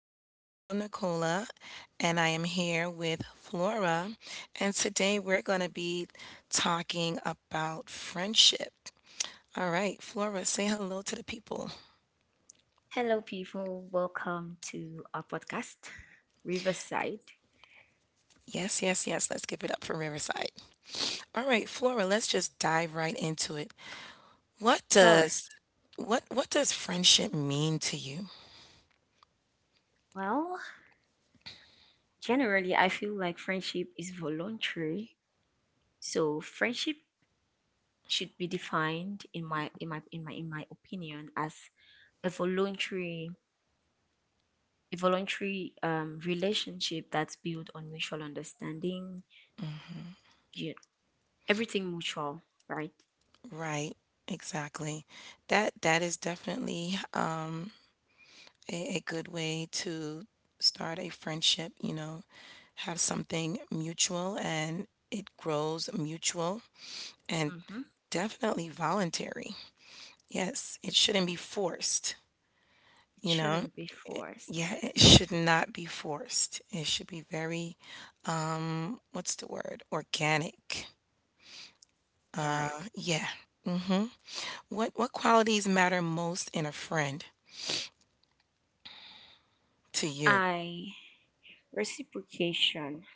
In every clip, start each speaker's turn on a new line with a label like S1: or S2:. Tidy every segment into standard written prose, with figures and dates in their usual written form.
S1: This is your girl, Nicola, and I am here with Flora. And today we're going to be talking about friendship. All right, Flora, say hello to the people.
S2: Hello, people. Welcome to our podcast, Riverside.
S1: Yes, yes, yes. Let's give it up for Riverside. All right, Flora, let's just dive right into it. What
S2: Sure.
S1: does what does friendship mean to you?
S2: Well, generally, I feel like friendship is voluntary, so friendship should be defined in my opinion as a voluntary a voluntary relationship that's built on mutual understanding. You Everything mutual, right?
S1: Right, exactly. That is definitely a good way to start a friendship, have something mutual and it grows mutual and
S2: Mm-hmm.
S1: definitely voluntary. Yes, it shouldn't be forced,
S2: It
S1: you know.
S2: shouldn't be forced.
S1: Yeah, it should not be forced. It should be very, what's the word? Organic.
S2: All
S1: Uh,
S2: right.
S1: yeah. Mm-hmm. What qualities matter most in a friend to you?
S2: I Reciprocation.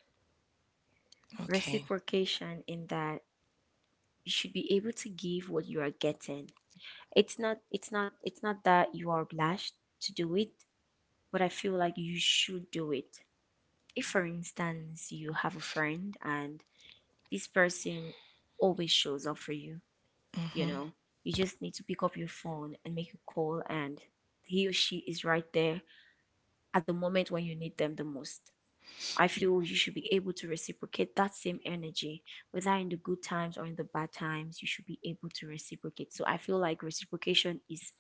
S1: Okay.
S2: Reciprocation in that you should be able to give what you are getting. It's not that you are obliged to do it, but I feel like you should do it. If, for instance, you have a friend and this person always shows up for you, you
S1: Mm-hmm.
S2: know, you just need to pick up your phone and make a call and he or she is right there at the moment when you need them the most. I feel you should be able to reciprocate that same energy, whether in the good times or in the bad times. You should be able to reciprocate, so I feel like reciprocation is,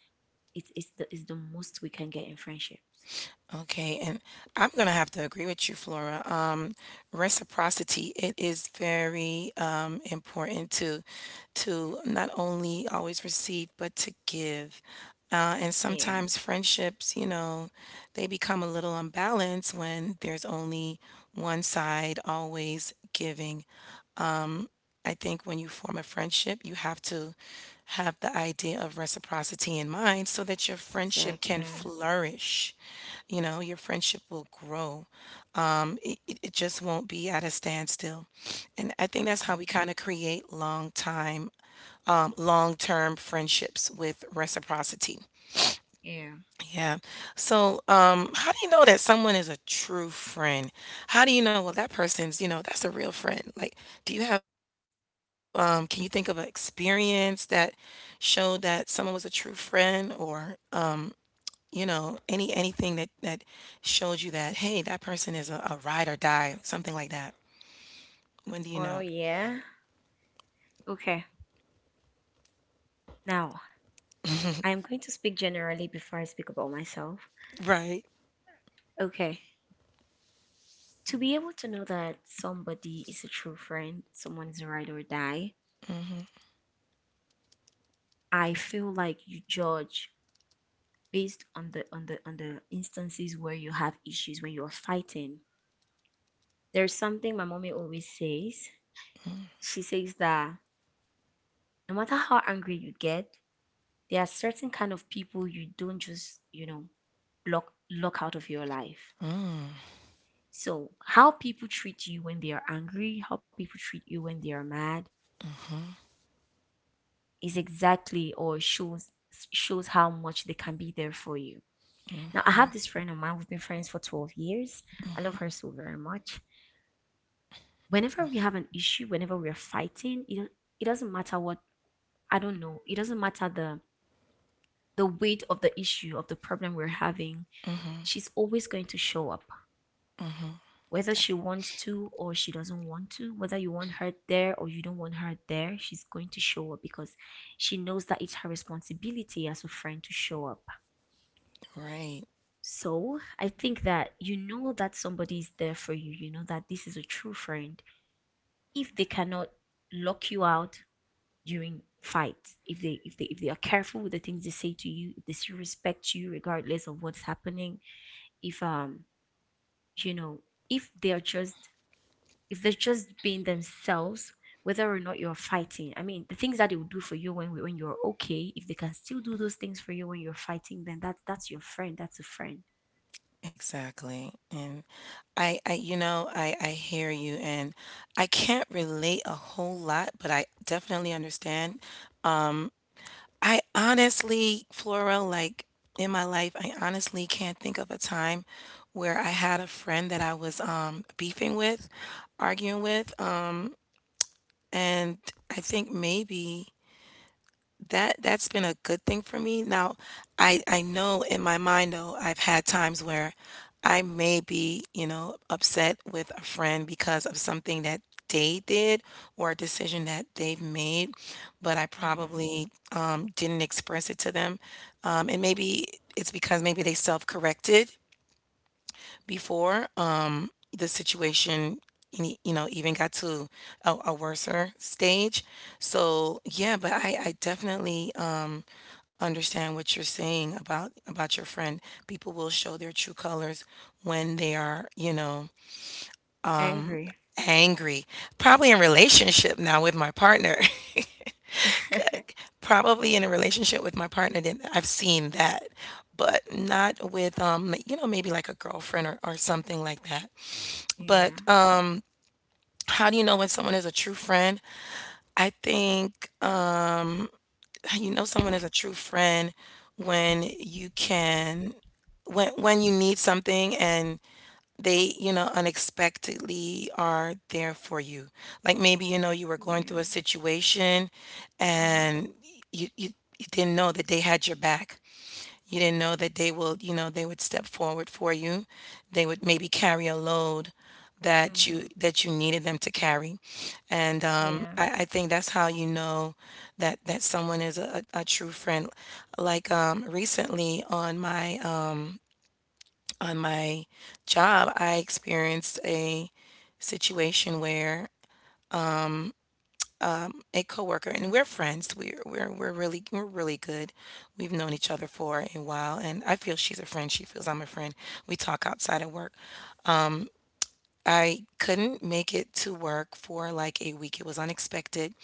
S2: it's the most we can get in friendships.
S1: Okay, and I'm gonna have to agree with you, Flora. Reciprocity, it is very important to not only always receive but to give. And
S2: Yeah,
S1: sometimes friendships, they become a little unbalanced when there's only one side always giving. I think when you form a friendship, you have to have the idea of reciprocity in mind so that your friendship can
S2: exactly.
S1: flourish. Your friendship will grow. It just won't be at a standstill. And I think that's how we
S2: Hmm.
S1: kind of create long time, long term friendships with reciprocity.
S2: Yeah.
S1: Yeah. So, how do you know that someone is a true friend? How do you know, well, that person's, that's a real friend? Like, can you think of an experience that showed that someone was a true friend or, anything that showed you that, hey, that person is a ride or die, something like that? When do you
S2: well
S1: know?
S2: yeah Okay, now I'm going to speak generally before I speak about myself.
S1: Right.
S2: Okay, to be able to know that somebody is a true friend, someone is a ride or die, I feel like you judge based on the instances where you have issues, when you're fighting. There's something my mommy always says. She says that no matter how angry you get, there are certain kind of people you don't just, you know, block out of your life.
S1: Mm-hmm.
S2: So, how people treat you when they are angry, how people treat you when they are mad is exactly, or shows, how much they can be there for you. Now, I
S1: Mm-hmm.
S2: have this friend of mine. We've been friends for 12 years. I love her so very much. Whenever we have an issue, whenever we're fighting, it doesn't matter what, I don't know, it doesn't matter the weight of the issue, of the problem we're having.
S1: Mm-hmm.
S2: She's always going to show up, whether she wants to or she doesn't want to, whether you want her there or you don't want her there. She's going to show up because she knows that it's her responsibility as a friend to show up.
S1: Right.
S2: So I think that you know that somebody is there for you, you know that this is a true friend. If they cannot lock you out during fights, if they are careful with the things they say to you, if they still respect you regardless of what's happening, if, you know, if they are just, if they're just being themselves, whether or not you're fighting. I mean, the things that they will do for you when, you're okay, if they can still do those things for you when you're fighting, then that's your friend. That's a friend.
S1: Exactly, and I hear you, and I can't relate a whole lot, but I definitely understand. I honestly, Floro, like in my life, I honestly can't think of a time where I had a friend that I was beefing with, arguing with, and I think maybe that's been a good thing for me. Now, I know in my mind though, I've had times where I may be, upset with a friend because of something that they did or a decision that they've made, but I
S2: Mm-hmm.
S1: probably didn't express it to them. And maybe it's because maybe they self-corrected before the situation, even got to a worser stage. So yeah, but I definitely understand what you're saying about your friend. People will show their true colors when they are,
S2: Angry.
S1: angry. Probably in relationship now with my partner. Probably in a relationship with my partner, then I've seen that, but not with maybe like a girlfriend or something like that.
S2: Yeah.
S1: But how do you know when someone is a true friend? I think you know someone is a true friend when you can, when you need something and they, unexpectedly are there for you. Like maybe you know you were going through a
S2: Yeah.
S1: situation, and
S2: Mm-hmm.
S1: you you, you didn't know that they had your back, you didn't know that they would step forward for you. They would maybe carry a load that you
S2: Mm-hmm.
S1: that you needed them to carry. And um,
S2: Yeah.
S1: I, I think that's how you know that someone is a true friend. Like recently on my job, I experienced a situation where a coworker, and we're friends. We're really good. We've known each other for a while, and I feel she's a friend. She feels I'm a friend. We talk outside of work. I couldn't make it to work for like a week. It was unexpected.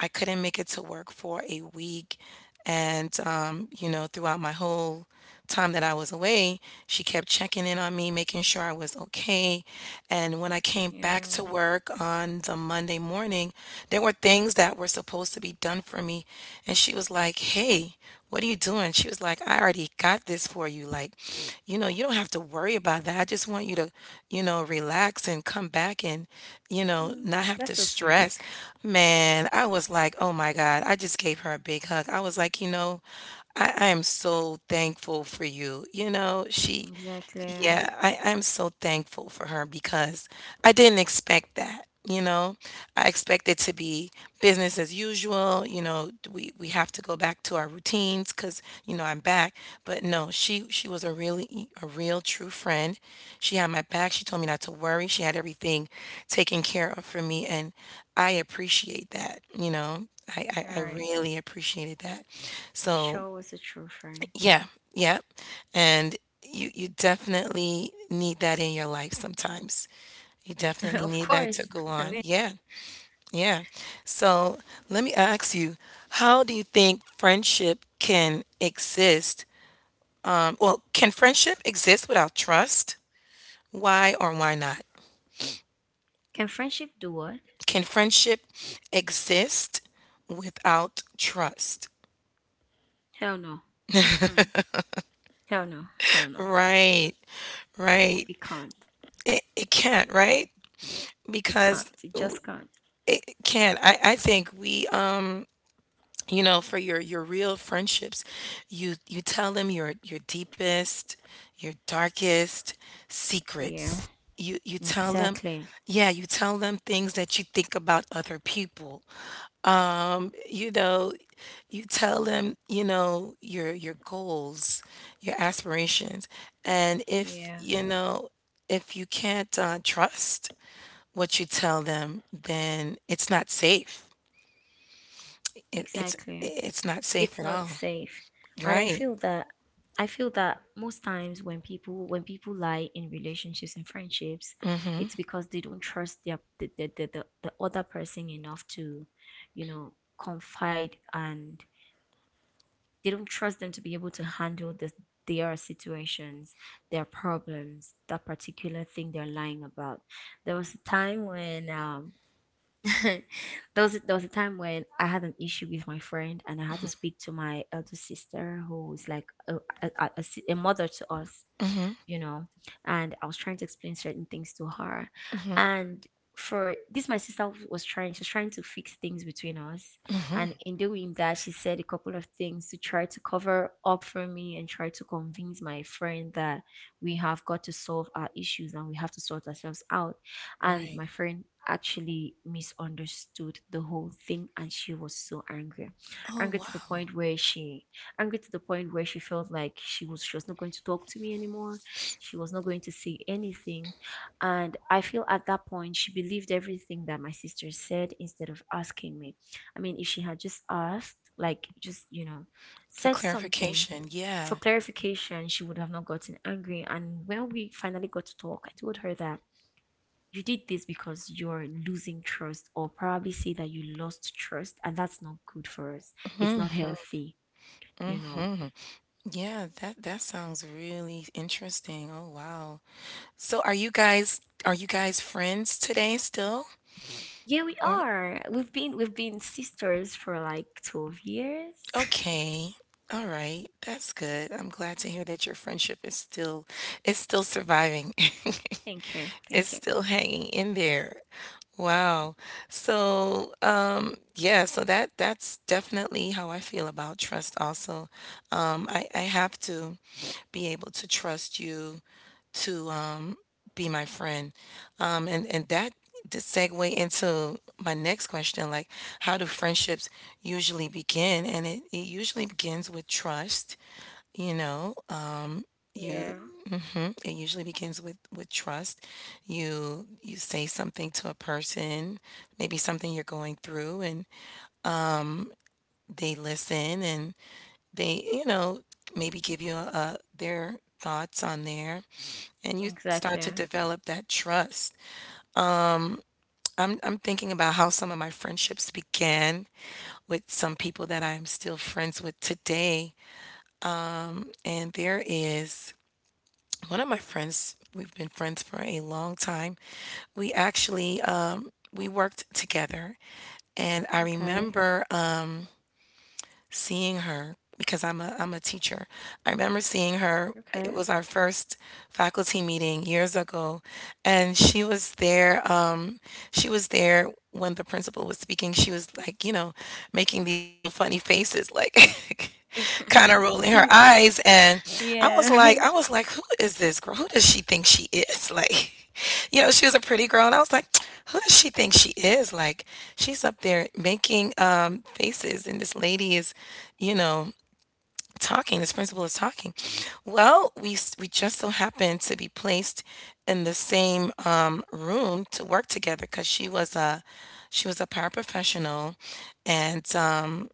S1: I couldn't make it to work for a week. And, throughout my whole time that I was away, she kept checking in on me, making sure I was okay. And when I came back to
S2: Yeah.
S1: work on the Monday morning, there were things that were supposed to be done for me. And she was like, hey, what are you doing? She was like, I already got this for you. Like, you don't have to worry about that. I just want you to, relax and come back and,
S2: Mm,
S1: not have to
S2: that's so sweet.
S1: stress. Man, I was like, oh my God. I just gave her a big hug. I was like, I am so thankful for you. You know, she
S2: Exactly. All
S1: yeah, I, I'm so thankful for her because I didn't expect that. I expected to be business as usual, we have to go back to our routines because I'm back. But no, she was a real true friend. She had my back. She told me not to worry. She had everything taken care of for me, and I appreciate that. I
S2: right.
S1: really appreciated that.
S2: She
S1: So
S2: sure was a true friend.
S1: yeah, yeah, and you definitely need that in your life sometimes. You definitely
S2: Of
S1: need that
S2: course.
S1: to
S2: I
S1: go
S2: mean.
S1: on. Yeah, yeah. So let me ask you, how do you think friendship can exist? Well, can friendship exist without trust? Why or why not?
S2: Can friendship do what?
S1: Can friendship exist without trust?
S2: Hell no. Hell no. Hell no.
S1: Right,
S2: It
S1: right.
S2: can't.
S1: It can't, right?
S2: It can't.
S1: Because
S2: It just can't.
S1: it can. I think we you know for your real friendships, you tell them your deepest, your darkest
S2: Yeah.
S1: secrets. You tell them,
S2: Exactly.
S1: yeah, you tell them things that you think about other people. You know you tell them your goals, your aspirations. And if
S2: Yeah.
S1: if you can't trust what you tell them, then it's not safe. It it's
S2: Exactly.
S1: it's not safe
S2: It's
S1: at
S2: not
S1: all.
S2: safe. And I
S1: Right.
S2: feel that, most times when people, lie in relationships and friendships,
S1: Mhm.
S2: it's because they don't trust their, the other person enough to, you know, confide, and they don't trust them to be able to handle this, their situations, their problems, that particular thing they're lying about. There was a time when there there was a time when I had an issue with my friend and I had to speak to my elder sister, who is like a, a a mother to us,
S1: Mhm.
S2: you know. And I was trying to explain certain things to her,
S1: Mhm.
S2: and for this, my sister was trying, she was trying to fix things between us.
S1: Mhm.
S2: And in doing that, she said a couple of things to try to cover up for me and try to convince my friend that we have got to solve our issues and we have to sort ourselves out. And
S1: Right.
S2: my friend actually misunderstood the whole thing and she was so angry,
S1: Oh,
S2: angry to the
S1: wow.
S2: point where she, felt like she was not going to talk to me anymore, she was not going to say anything. And I feel at that point, she believed everything that my sister said instead of asking me. I mean, if she had just asked, like, just, you know,
S1: For
S2: said something
S1: clarification.
S2: for
S1: Yeah.
S2: clarification, she would have not gotten angry. And when we finally got to talk, I told her that you did this because you're losing trust, or probably say that you lost trust, and that's not good for us. It's not healthy, you know.
S1: Yeah, that sounds really interesting. Oh, wow. So are you guys friends today still?
S2: Yeah, we
S1: Or
S2: are. We've been sisters for like 12 years.
S1: okay. All right. That's good. I'm glad to hear that your friendship is still surviving.
S2: Thank you.
S1: It's
S2: Thank you.
S1: still hanging in there. Wow. So, yeah, that's definitely how I feel about trust also. I have to be able to trust you to be my friend. And that to segue into my next question, like how do friendships usually begin? And it usually begins with trust, you know. You
S2: Yeah,
S1: mhm, it usually begins with trust. You say something to a person, maybe something you're going through, and they listen, and they, maybe give you a their thoughts on there, and you start to
S2: exactly.
S1: develop that trust. I'm thinking about how some of my friendships began with some people that I'm still friends with today, and there is one of my friends, we've been friends for a long time. We actually we worked together. And I
S2: Okay.
S1: remember seeing her because I'm a teacher. I remember seeing her.
S2: Okay.
S1: It was our first faculty meeting years ago, and she was there when the principal was speaking. She was like making these little funny faces, like kind of rolling her eyes, and I was like
S2: Yeah.
S1: I was like who is this girl, who does she think she is? Like, she was a pretty girl, and I was like, who does she think she is? Like, she's up there making faces, and this lady is you know talking, this principal is talking. Well, we just so happened to be placed in the same room to work together, cuz she was a paraprofessional. And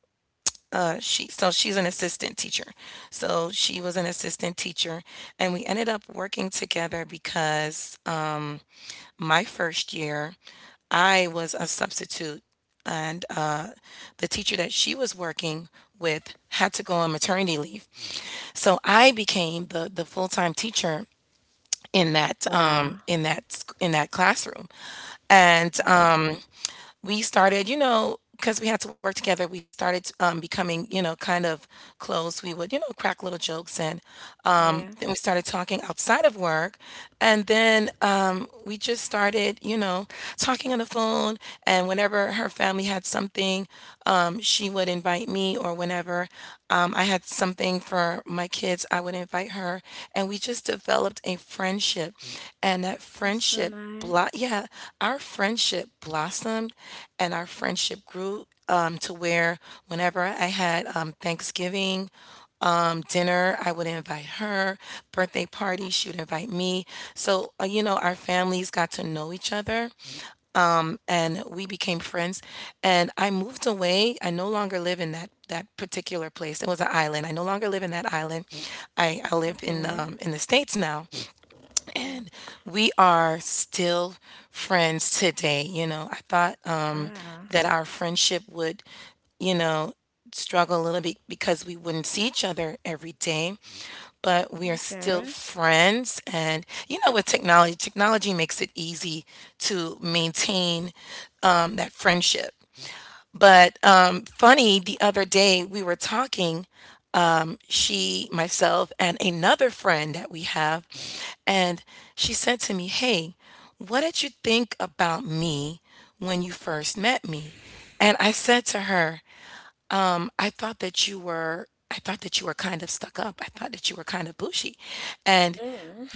S1: she so she's an assistant teacher. So she was an assistant teacher, and we ended up working together because my first year, I was a substitute, and the teacher that she was working with had to go on maternity leave. So I became the full time teacher
S2: Wow.
S1: in that sc- in that classroom, and
S2: Hmm.
S1: we started, because we had to work together, we started becoming, kind of close. We would, crack little jokes, and
S2: Yeah.
S1: then we started talking outside of work, and then we just started, talking on the phone. And whenever her family had something, she would invite me, or whenever I had something for my kids, I would invite her. And we just developed a friendship, and
S2: That's so nice.
S1: yeah, our friendship blossomed, and our friendship grew to where whenever I had Thanksgiving dinner, I would invite her. Birthday party, she would invite me. So, our families got to know each other and we became friends. And I moved away. I no longer live in that particular place. It was an island. I no longer live in that island. I live
S2: Okay.
S1: in the States now and we are still friends today. You know, I thought
S2: Wow.
S1: that our friendship would, you know, struggle a little bit because we wouldn't see each other every day, but we are still
S2: Okay.
S1: friends. And, with technology makes it easy to maintain that friendship. But, funny, the other day we were talking, she, myself, and another friend that we have, and she said to me, "Hey, what did you think about me when you first met me?" And I said to her, I thought that you were kind of stuck up. I thought that you were kind of bushy. And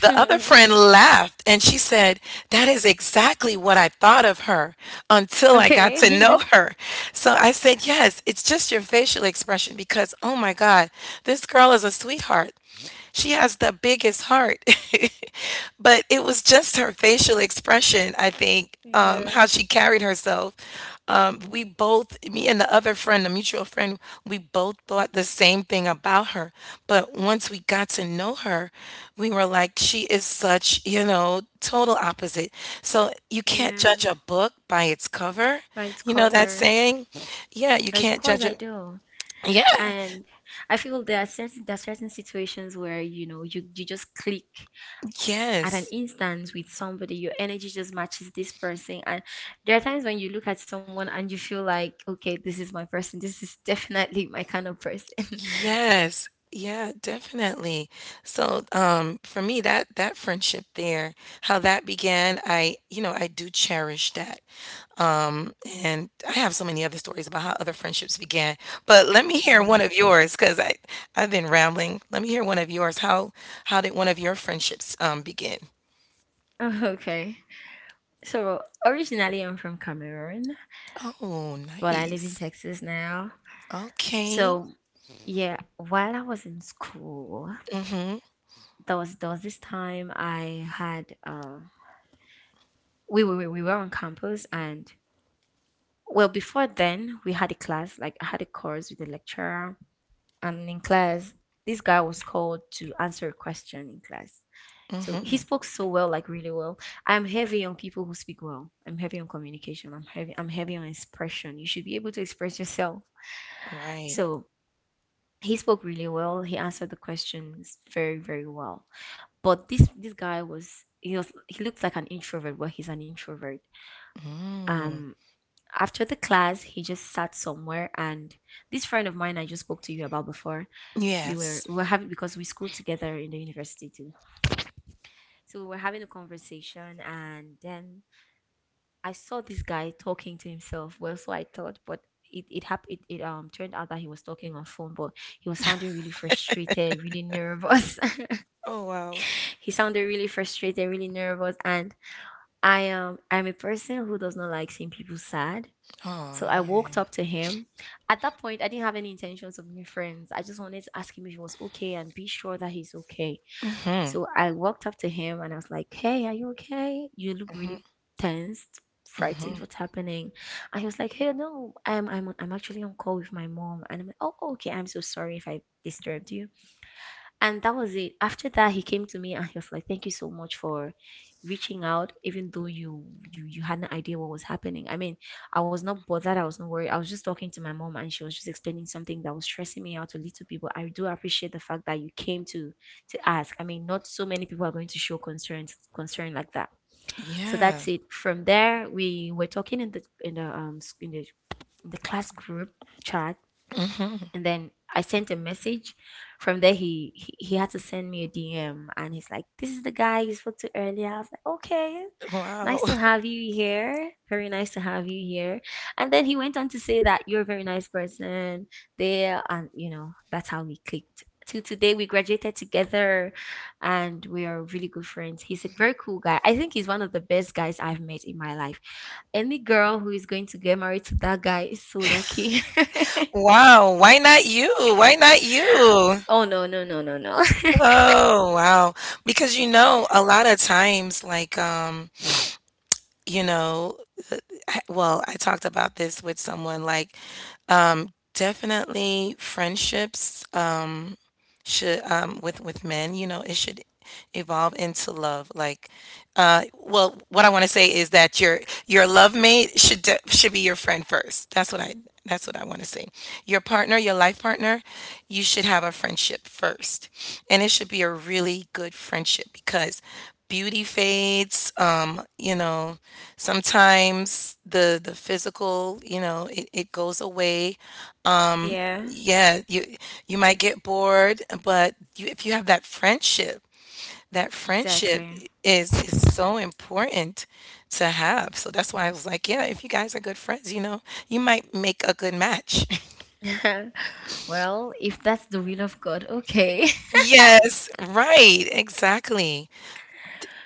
S1: the other friend laughed and she said, "That is exactly what I thought of her until I got to know
S2: Okay.
S1: her." So I said, "Yes, it's just your facial expression." Because, oh my God, this girl is a sweetheart. She has the biggest heart. But it was just her facial expression, I think,
S2: Yeah.
S1: how she carried herself. We both, me and the other friend, the mutual friend, we both thought the same thing about her. But once we got to know her, we were like, she is such, total opposite. So you can't judge
S2: Yeah.
S1: a book by its cover.
S2: Right
S1: You know that
S2: cover.
S1: saying? Yeah, you
S2: Of
S1: can't
S2: course
S1: judge
S2: I
S1: it.
S2: do.
S1: Yeah,
S2: And I feel there are certain, situations where, you know, you, just click at an
S1: yes.
S2: instance with somebody. Your energy just matches this person. And there are times when you look at someone and you feel like, okay, this is my person, this is definitely my kind of person.
S1: Yes. Yeah, definitely. So, for me, that friendship there, how that began, I do cherish that. Um, and I have so many other stories about how other friendships began, but let me hear one
S2: Mm.
S1: of yours because I've been rambling. Let me hear one of yours. How did one of your friendships begin?
S2: Oh, okay, so originally I'm from Cameroon,
S1: Oh,
S2: but I live in
S1: nice.
S2: Texas now.
S1: Okay.
S2: So, yeah, while I was in school,
S1: Mm-hmm.
S2: there was this time I had we were on campus, and, well, before then, we had a class. Like, I had a course with a lecturer, and in class, this guy was called to answer a question in class. So he
S1: Mm-hmm.
S2: spoke so well, like really well. I'm heavy on people who speak well. I'm heavy on communication. I'm heavy on expression. You should be able to express yourself.
S1: Right.
S2: So he spoke really well. He answered the questions very, very well. But this guy was, he looked like an introvert, but he's an introvert.
S1: Mm.
S2: Um After the class he just sat somewhere, and this friend of mine I just spoke to you about before, we were
S1: Yes.
S2: we were having, because we schooled together in the university too, so we were having a conversation. And then I saw this guy talking to himself, well, so I thought, but it, happened. It turned out that he was talking on phone, but he was sounding really frustrated, really nervous.
S1: Oh, wow.
S2: He sounded really frustrated, really nervous. And I'm a person who does not like seeing people sad.
S1: Oh,
S2: So I walked
S1: yeah.
S2: up to him. At that point, I didn't have any intentions of being friends. I just wanted to ask him if he was okay and be sure that he's okay.
S1: Mm-hmm.
S2: So I walked up to him and I was like, "Hey, are you okay? You look
S1: Mhm,
S2: really tensed,
S1: mhm.
S2: frightened, what's happening?" And he was like, "Hey, no, I'm, I'm actually on call with my mom." And I'm like, "Oh, okay, I'm so sorry if I disturbed you." And that was it. After that, he came to me and he was like, "Thank you so much for reaching out, even though you, you had no idea what was happening. I mean, I was not bothered. I was not worried. I was just talking to my mom, and she was just explaining something that was stressing me out a little bit. But I do appreciate the fact that you came to, ask. I mean, not so many people are going to show concern, like that." So
S1: Yeah.
S2: that's it. From there, we were talking in the, in the in the class group chat,
S1: Mhm.
S2: and then I sent a message. From there, he had to send me a DM, and he's like, "This is the guy you spoke to earlier." I was like, "Okay,
S1: Wow.
S2: nice to have you here. Very nice to have you here." And then he went on to say that you're a very nice person there, and, you know, that's how we clicked. Till today, we graduated together, and we are really good friends. He's a very cool guy. I think he's one of the best guys I've met in my life. Any girl who is going to get married to that guy is so lucky.
S1: Wow. Why not you? Why not you?
S2: Oh no, no, no, no, no.
S1: Oh, wow. Because a lot of times, like, you know, I talked about this with someone, like, definitely friendships should with men it should evolve into love, like, uh, well, what I want to say is that your love mate should be your friend first. That's what I want to say. Your partner, your life partner, you should have a friendship first, and it should be a really good friendship, because beauty fades, sometimes the physical, it goes away.
S2: Yeah,
S1: Yeah, you might get bored, but if you have that friendship, that friendship
S2: exactly.
S1: is so important to have. So that's why I was like, yeah, if you guys are good friends, you might make a good match.
S2: Well, if that's the will of God, okay.
S1: Yes, right. Exactly.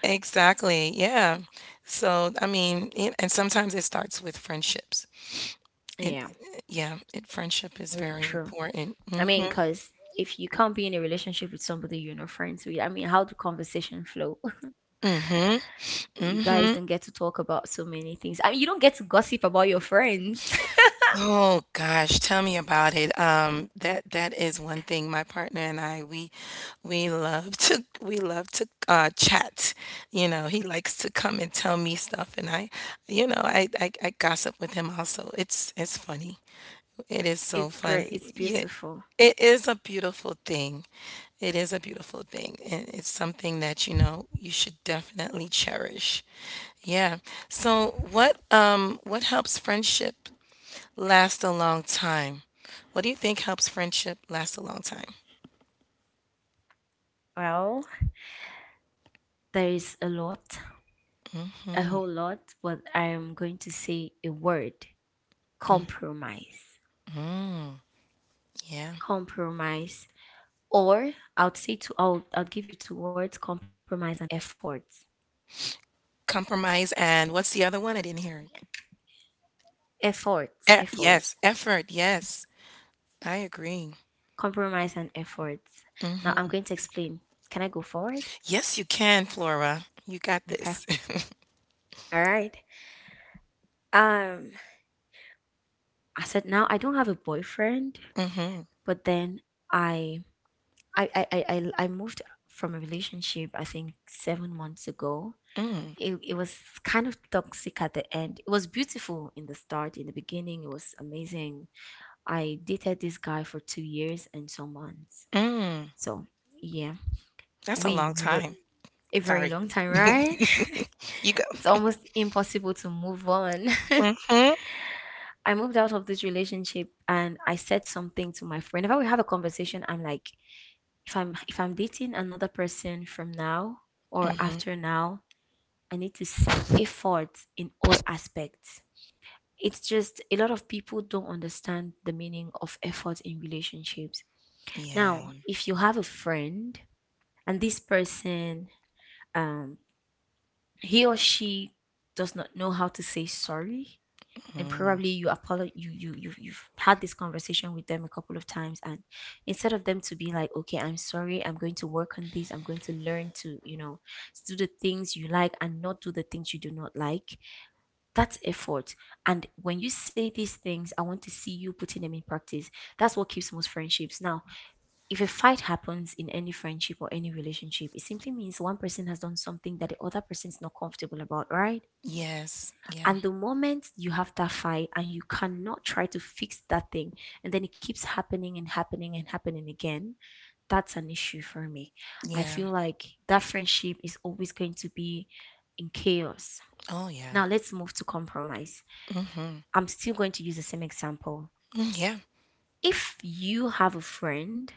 S1: Exactly. Yeah. So, I mean, and sometimes it starts with friendships. It,
S2: Yeah,
S1: yeah, it friendship is
S2: really
S1: very
S2: true.
S1: important.
S2: I mean,
S1: Mhm.
S2: because if you can't be in a relationship with somebody you're not friends with, I mean, how do conversation flow?
S1: Mhm.
S2: You guys
S1: Mhm.
S2: don't get to talk about so many things. I mean, you don't get to gossip about your friends.
S1: Oh gosh, tell me about it. That is one thing. My partner and I, we love to chat. He likes to come and tell me stuff, and I, you know, I gossip with him also. It's funny. It is
S2: It's
S1: so
S2: great. It's
S1: funny. Yeah,
S2: beautiful.
S1: it is a beautiful thing. It is a beautiful thing, and it's something that you know you should definitely cherish. Yeah. So what helps friendship last a long time. What do you think helps friendship last a long time?
S2: Well, there is a lot, a whole lot, but I am going to say a word: compromise.
S1: Yeah.
S2: Compromise. Or I would say 2. I'll give you two words, compromise and effort.
S1: Compromise and what's the other one? I didn't hear it.
S2: Effort. Effort.
S1: Yes, effort. Yes. I agree.
S2: Compromise and effort. Now I'm going to explain. Can I go forward?
S1: Yes, you can, Flora. You got
S2: Okay.
S1: this.
S2: All right. Um I said now I don't have a boyfriend,
S1: Mm, mhm.
S2: but then I I moved from a relationship I think 7 months ago.
S1: Mm.
S2: It was kind of toxic at the end. It was beautiful in the start, in the beginning, it was amazing. I dated this guy for 2 years and some months.
S1: Mm.
S2: So yeah,
S1: That's a
S2: we
S1: long
S2: we were
S1: time.
S2: a very
S1: Sorry.
S2: long time, right?
S1: You go.
S2: It's almost impossible to move on.
S1: Mm, mhm.
S2: I moved out of this relationship and I said something to my friend. Whenever we have a conversation, I'm like, if I'm dating another person from now
S1: Mm,
S2: or
S1: mhm.
S2: after now, I need to see effort in all aspects. It's just a lot of people don't understand the meaning of effort in relationships. Now,
S1: Yeah.
S2: if you have a friend and this person, um, he or she does not know how to say sorry, and
S1: Mm.
S2: probably you apologize, you've had this conversation with them a couple of times, and instead of them to be like, okay, I'm sorry, I'm going to work on this, I'm going to learn to you know do the things you like and not do the things you do not like, that's effort. And when you say these things, I want to see you putting them in practice. That's what keeps most friendships. Now, if a fight happens in any friendship or any relationship, it simply means one person has done something that the other person is not comfortable about, right?
S1: Yes. Yeah.
S2: And the moment you have that fight and you cannot try to fix that thing, and then it keeps happening and happening and happening again, that's an issue for me. I
S1: Yeah.
S2: feel like that friendship is always going to be in chaos.
S1: Oh, yeah.
S2: Now let's move to compromise.
S1: Mm, mhm.
S2: I'm still going to use the same example.
S1: Mm, yeah.
S2: If you have a friend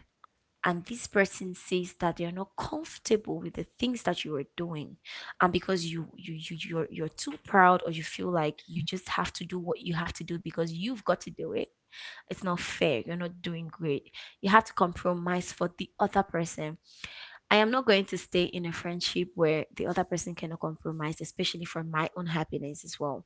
S2: and this person says that they're not comfortable with the things that you are doing and because you're too proud or you feel like you just have to do what you have to do because you've got to do it, it's not fair, you're not doing great, you have to compromise for the other person. I am not going to stay in a friendship where the other person cannot compromise, especially for my own happiness as well.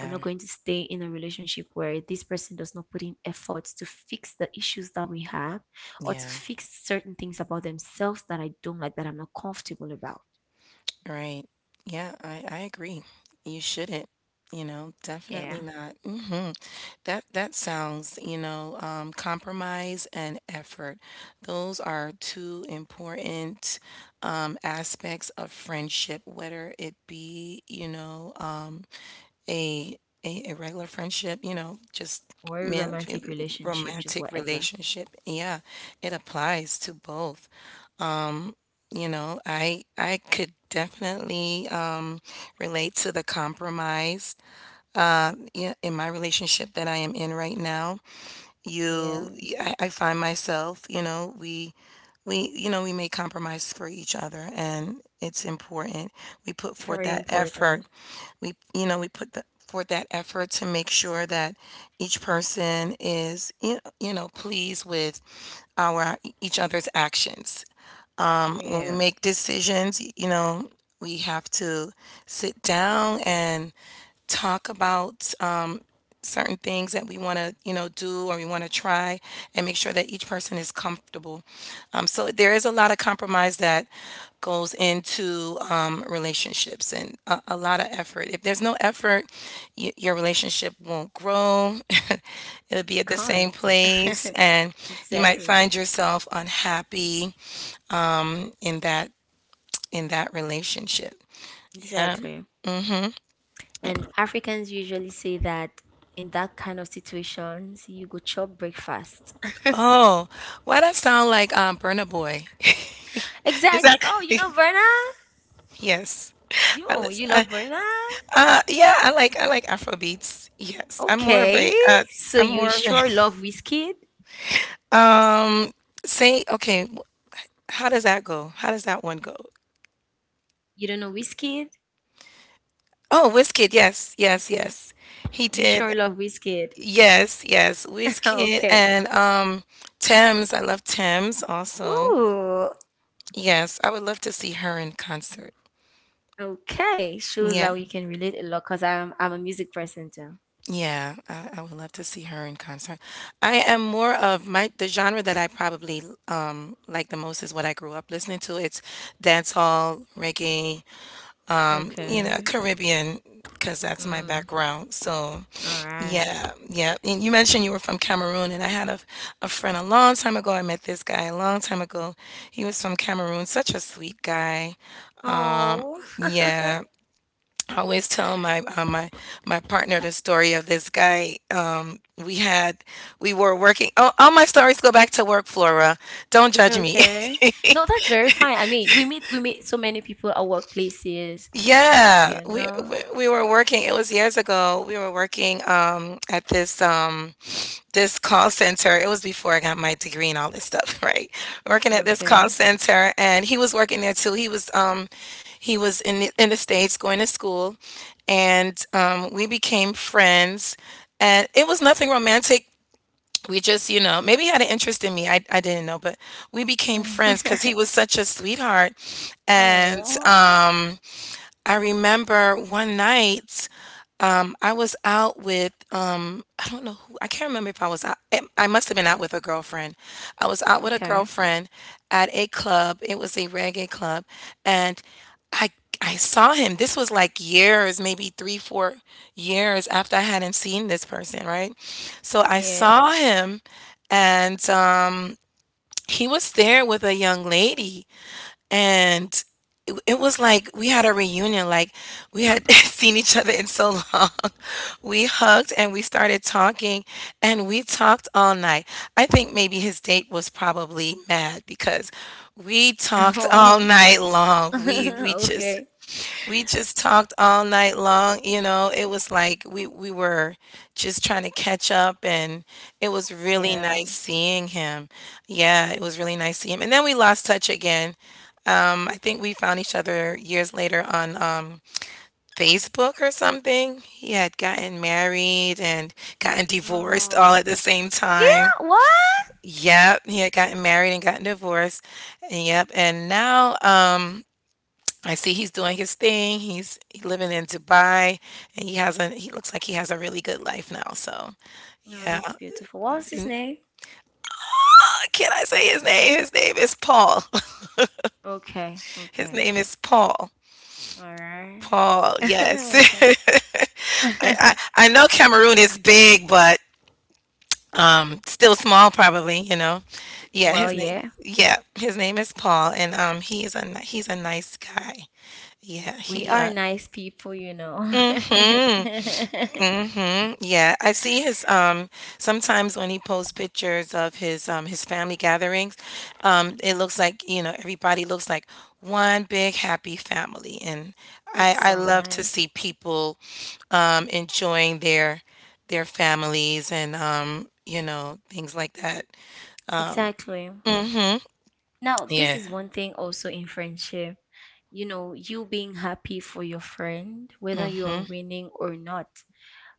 S2: I'm not going to stay in a relationship where this person does not put in efforts to fix the issues that we have or to
S1: Yeah.
S2: fix certain things about themselves that I don't like, that I'm not comfortable about.
S1: Right. Yeah, I agree. You shouldn't, definitely
S2: Yeah.
S1: not. Mhm. That sounds, compromise and effort. Those are two important aspects of friendship, whether it be, a, a regular friendship, just,
S2: Or a
S1: man,
S2: romantic relationship, just
S1: romantic
S2: whatever.
S1: relationship. Yeah, it applies to both. I could definitely relate to the compromise, yeah, in my relationship that I am in right now.
S2: Yeah.
S1: You, I find myself, we we make compromise for each other, and it's important. We put forth
S2: Very
S1: that
S2: important.
S1: effort. We you know we put the forth that effort to make sure that each person is pleased with our each other's actions when we
S2: Yeah.
S1: make decisions. We have to sit down and talk about certain things that we want to, do, or we want to try and make sure that each person is comfortable. So there is a lot of compromise that goes into relationships, and a lot of effort. If there's no effort, your relationship won't grow. It'll be
S2: It
S1: at the same
S2: can't.
S1: place, and you might
S2: Exactly.
S1: find yourself unhappy in that relationship. Yeah.
S2: Exactly. And Africans usually say that in that kind of situations, you go chop breakfast.
S1: Oh, why that sound like Burna Boy? Is
S2: Exactly.
S1: that
S2: Oh, you know Verna?
S1: yes. I
S2: You,
S1: listen.
S2: you love Verna?
S1: Yeah, I like Afro beats. Yes, I'm more of
S2: Okay,
S1: a
S2: so
S1: I'm
S2: you
S1: more of a
S2: sure love Wizkid?
S1: um. Say, okay, how does that go? How does that one go?
S2: You don't know Wizkid?
S1: Oh, Wizkid. Yes, yes, yes. He
S2: You
S1: did.
S2: sure love Wizkid?
S1: Yes, yes. Wizkid
S2: Okay.
S1: and Thames. I love Thames also.
S2: Ooh.
S1: Yes, I would love to see her in concert.
S2: Okay, shows that
S1: Yeah.
S2: we can relate a lot because I'm a music person too.
S1: Yeah, I would love to see her in concert. I am more of my the genre that I probably like the most is what I grew up listening to. It's dancehall, reggae,
S2: Okay.
S1: Caribbean, because that's my
S2: Mm.
S1: background. So,
S2: All right.
S1: yeah, yeah. And you mentioned you were from Cameroon, and I had a friend a long time ago. I met this guy a long time ago. He was from Cameroon, such a sweet guy.
S2: Oh.
S1: Yeah, I always tell my partner the story of this guy. We had we were working. Oh, all my stories go back to work, Flora. Don't judge me.
S2: Okay. No, that's very fine. I mean, we meet so many people at workplaces.
S1: Yeah,
S2: You
S1: we
S2: know.
S1: we we were working. It was years ago. We were working at this. This call center. It was before I got my degree and all this stuff, right? Working at this call
S2: Okay.
S1: center, and he was working there too. He was in in the States going to school, and we became friends. And it was nothing romantic. We just, maybe he had an interest in me. I didn't know, but we became friends because he was such a sweetheart, and
S2: Oh.
S1: I remember one night, I was out with, I don't know who. I can't remember if I was out. I must have been out with a girlfriend. I was out with a
S2: Okay.
S1: girlfriend at a club. It was a reggae club, and I I saw him. This was like years, maybe 3 or 4 years after I hadn't seen this person, right? So I
S2: Yeah.
S1: saw him, and he was there with a young lady, and it was like we had a reunion. Like we had seen each other in so long. We hugged and we started talking, and we talked all night. I think maybe his date was probably mad because we talked all night long. We we just
S2: Okay.
S1: we just talked all night long. It was like we were just trying to catch up, and it was really
S2: Yeah.
S1: nice seeing him. Yeah, it was really nice seeing him. And then we lost touch again. I think we found each other years later on, Facebook or something. He had gotten married and gotten divorced all
S2: Oh.
S1: at the same time.
S2: Yeah, what?
S1: Yep, he had gotten married and gotten divorced. And yep, and now I see he's doing his thing. He's living in Dubai, and he has a he looks like he has a really good life now. So
S2: Oh,
S1: yeah,
S2: that's beautiful. What's his
S1: and
S2: name?
S1: can I say his name? His name is Paul.
S2: Okay.
S1: His
S2: Okay.
S1: name is Paul.
S2: All right.
S1: Paul. Yes.
S2: Okay.
S1: I, I I know Cameroon is big, but, still small probably. You know. Yeah.
S2: Well,
S1: His name.
S2: yeah.
S1: Yeah. His name is Paul, and he's a nice guy. Yeah.
S2: We
S1: He.
S2: are nice people, you know.
S1: Mm-hmm. Mhm. Yeah, I see his sometimes when he posts pictures of his family gatherings, it looks like, everybody looks like one big happy family, and I
S2: That's
S1: I
S2: so
S1: love to
S2: nice.
S1: see people enjoying their families, and things like that. Um
S2: Exactly.
S1: mhm.
S2: Now, this
S1: Yeah.
S2: is one thing also in friendship. You know, you being happy for your friend, whether you are
S1: Mhm.
S2: winning or not.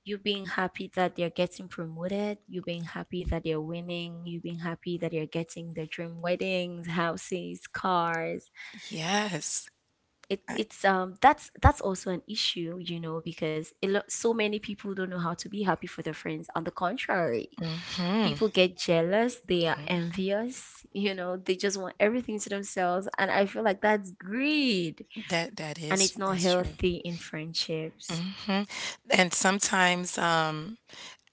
S2: You being happy that they're getting promoted, you being happy that they're winning, you being happy that you're getting their dream weddings, houses, cars.
S1: Yes.
S2: It
S1: I,
S2: it's um that's also an issue, you know, because a lot so many people don't know how to be happy for their friends. On the contrary,
S1: mhm.
S2: people get jealous, they are
S1: Mhm.
S2: envious, you know, they just want everything to themselves, and I feel like that's greed,
S1: That that
S2: and
S1: is
S2: it's not
S1: that's true.
S2: healthy in friendships.
S1: hmm And sometimes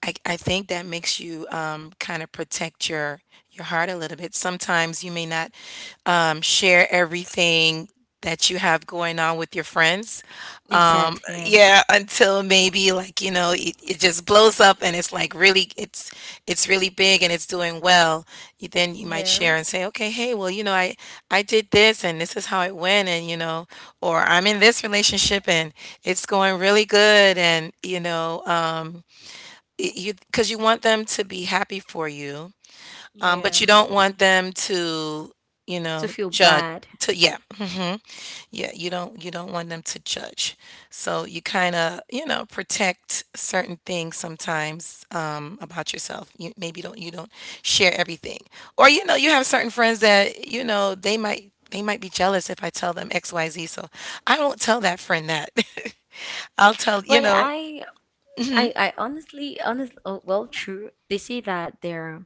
S1: I think that makes you kind of protect your heart a little bit. Sometimes you may not share everything that you have going on with your friends.
S2: Exactly.
S1: Yeah, until maybe like, it just blows up and it's like really it's really big and it's doing well. Then you might
S2: Yeah.
S1: share and say, okay, hey, well, you know, I did this and this is how it went, and you know, or I'm in this relationship and it's going really good, and you know, you, because you want them to be happy for you, but you
S2: Yeah.
S1: don't want them to, you know,
S2: To feel
S1: judge
S2: bad.
S1: to yeah. Mhm. Yeah, you don't want them to judge. So you kind of, you know, protect certain things sometimes about yourself. You maybe don't share everything. Or you know, you have certain friends that, you know, they might be jealous if I tell them XYZ. So I don't tell that friend that. I'll tell,
S2: But I, I, I honestly, honest, oh, well, true. They say that there,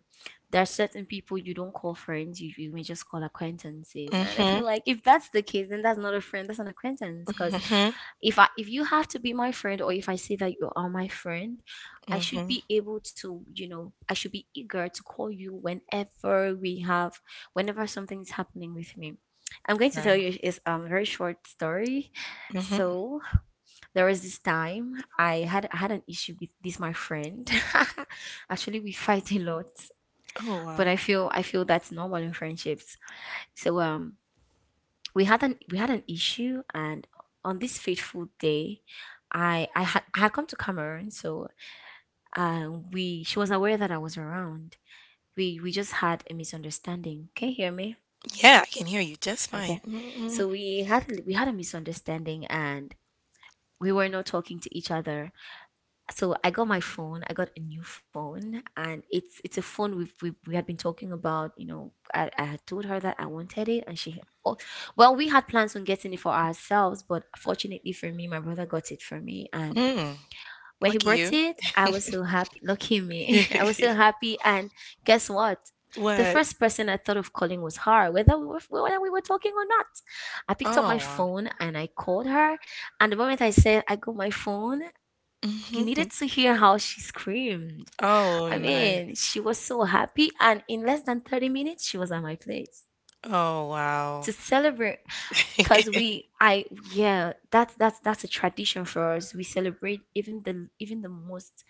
S2: there are certain people you don't call friends. You may just call acquaintances. And I
S1: mhm.
S2: feel like if that's the case, then that's not a friend. That's an acquaintance. Because
S1: Mhm.
S2: if I, if you have to be my friend, or if I say that you are my friend, I should
S1: Mhm.
S2: be able to, you know, I should be eager to call you whenever we have, whenever something's happening with me. I'm going to tell
S1: Right.
S2: you is a very short story.
S1: Mhm.
S2: So there was this time I had an issue with this my friend. Actually, we fight a lot,
S1: Oh,
S2: but I
S1: wow.
S2: feel I feel that's normal in friendships. So we had an issue, and on this fateful day, I had come to Cameroon, so we she was aware that I was around. We just had a misunderstanding. Can you hear me?
S1: Yeah, I can hear you just fine.
S2: Okay,
S1: Mm, mm,
S2: so we had a misunderstanding, and we were not talking to each other, so I got my phone. I got a new phone, and it's a phone we had been talking about. You know, I had told her that I wanted it, and she, oh, well, we had plans on getting it for ourselves, but fortunately for me, my brother got it for me, and
S1: mm.
S2: when he
S1: Lucky
S2: brought
S1: you.
S2: it, I was so happy. Lucky me, I was so happy. And guess what? The
S1: What?
S2: first person I thought of calling was her, whether we were talking or not. I picked up
S1: Oh,
S2: my
S1: wow.
S2: phone and I called her, and the moment I said I got my phone, you
S1: Mhm.
S2: needed to hear how she screamed.
S1: Oh,
S2: I
S1: nice.
S2: mean, she was so happy, and in less than 30 minutes, she was at my place
S1: Oh,
S2: to
S1: wow.
S2: celebrate. Cause we, I, yeah, that's that's a tradition for us. We celebrate even the most,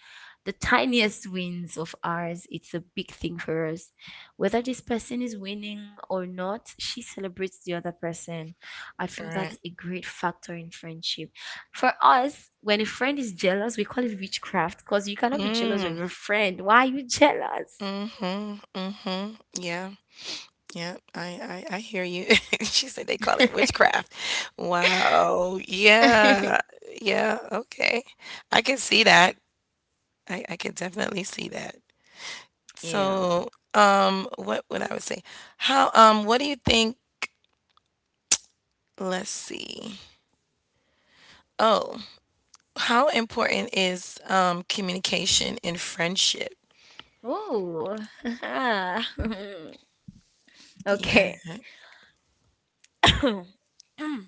S2: the tiniest wins of ours. It's a big thing for us, whether this person is winning or not. She celebrates the other person. I feel that's
S1: Right.
S2: a great factor in friendship. For us, when a friend is jealous, we call it witchcraft. Cause you cannot be jealous of
S1: Mm.
S2: your friend. Why are you jealous?
S1: Mm-hmm. Mm-hmm. Yeah. Yeah. I hear you. She said they call it witchcraft. Wow. Yeah. Yeah. Okay. I can see that. I can definitely see that.
S2: Yeah.
S1: So, what would I would say? How, what do you think? Let's see. Oh, how important is communication in friendship?
S2: Oh.
S1: Yeah.
S2: Okay.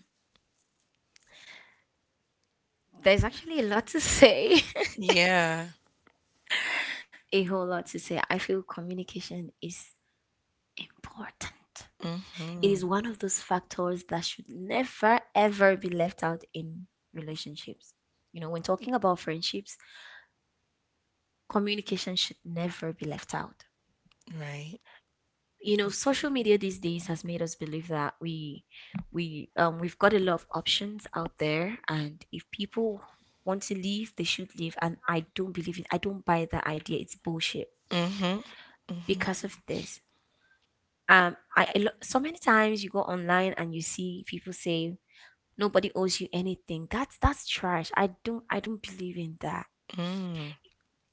S2: There's actually a lot to say,
S1: Yeah.
S2: a whole lot to say. I feel communication is important. It
S1: Mm-hmm.
S2: is one of those factors that should never, ever be left out in relationships. You know, when talking about friendships, communication should never be left out.
S1: Right.
S2: You know, social media these days has made us believe that we we've got a lot of options out there, and if people want to leave, they should leave. And I don't believe it. I don't buy that idea. It's bullshit
S1: Mm-hmm. Mm-hmm.
S2: because of this. So many times you go online and you see people say nobody owes you anything. That's trash. I don't believe in that.
S1: Mm.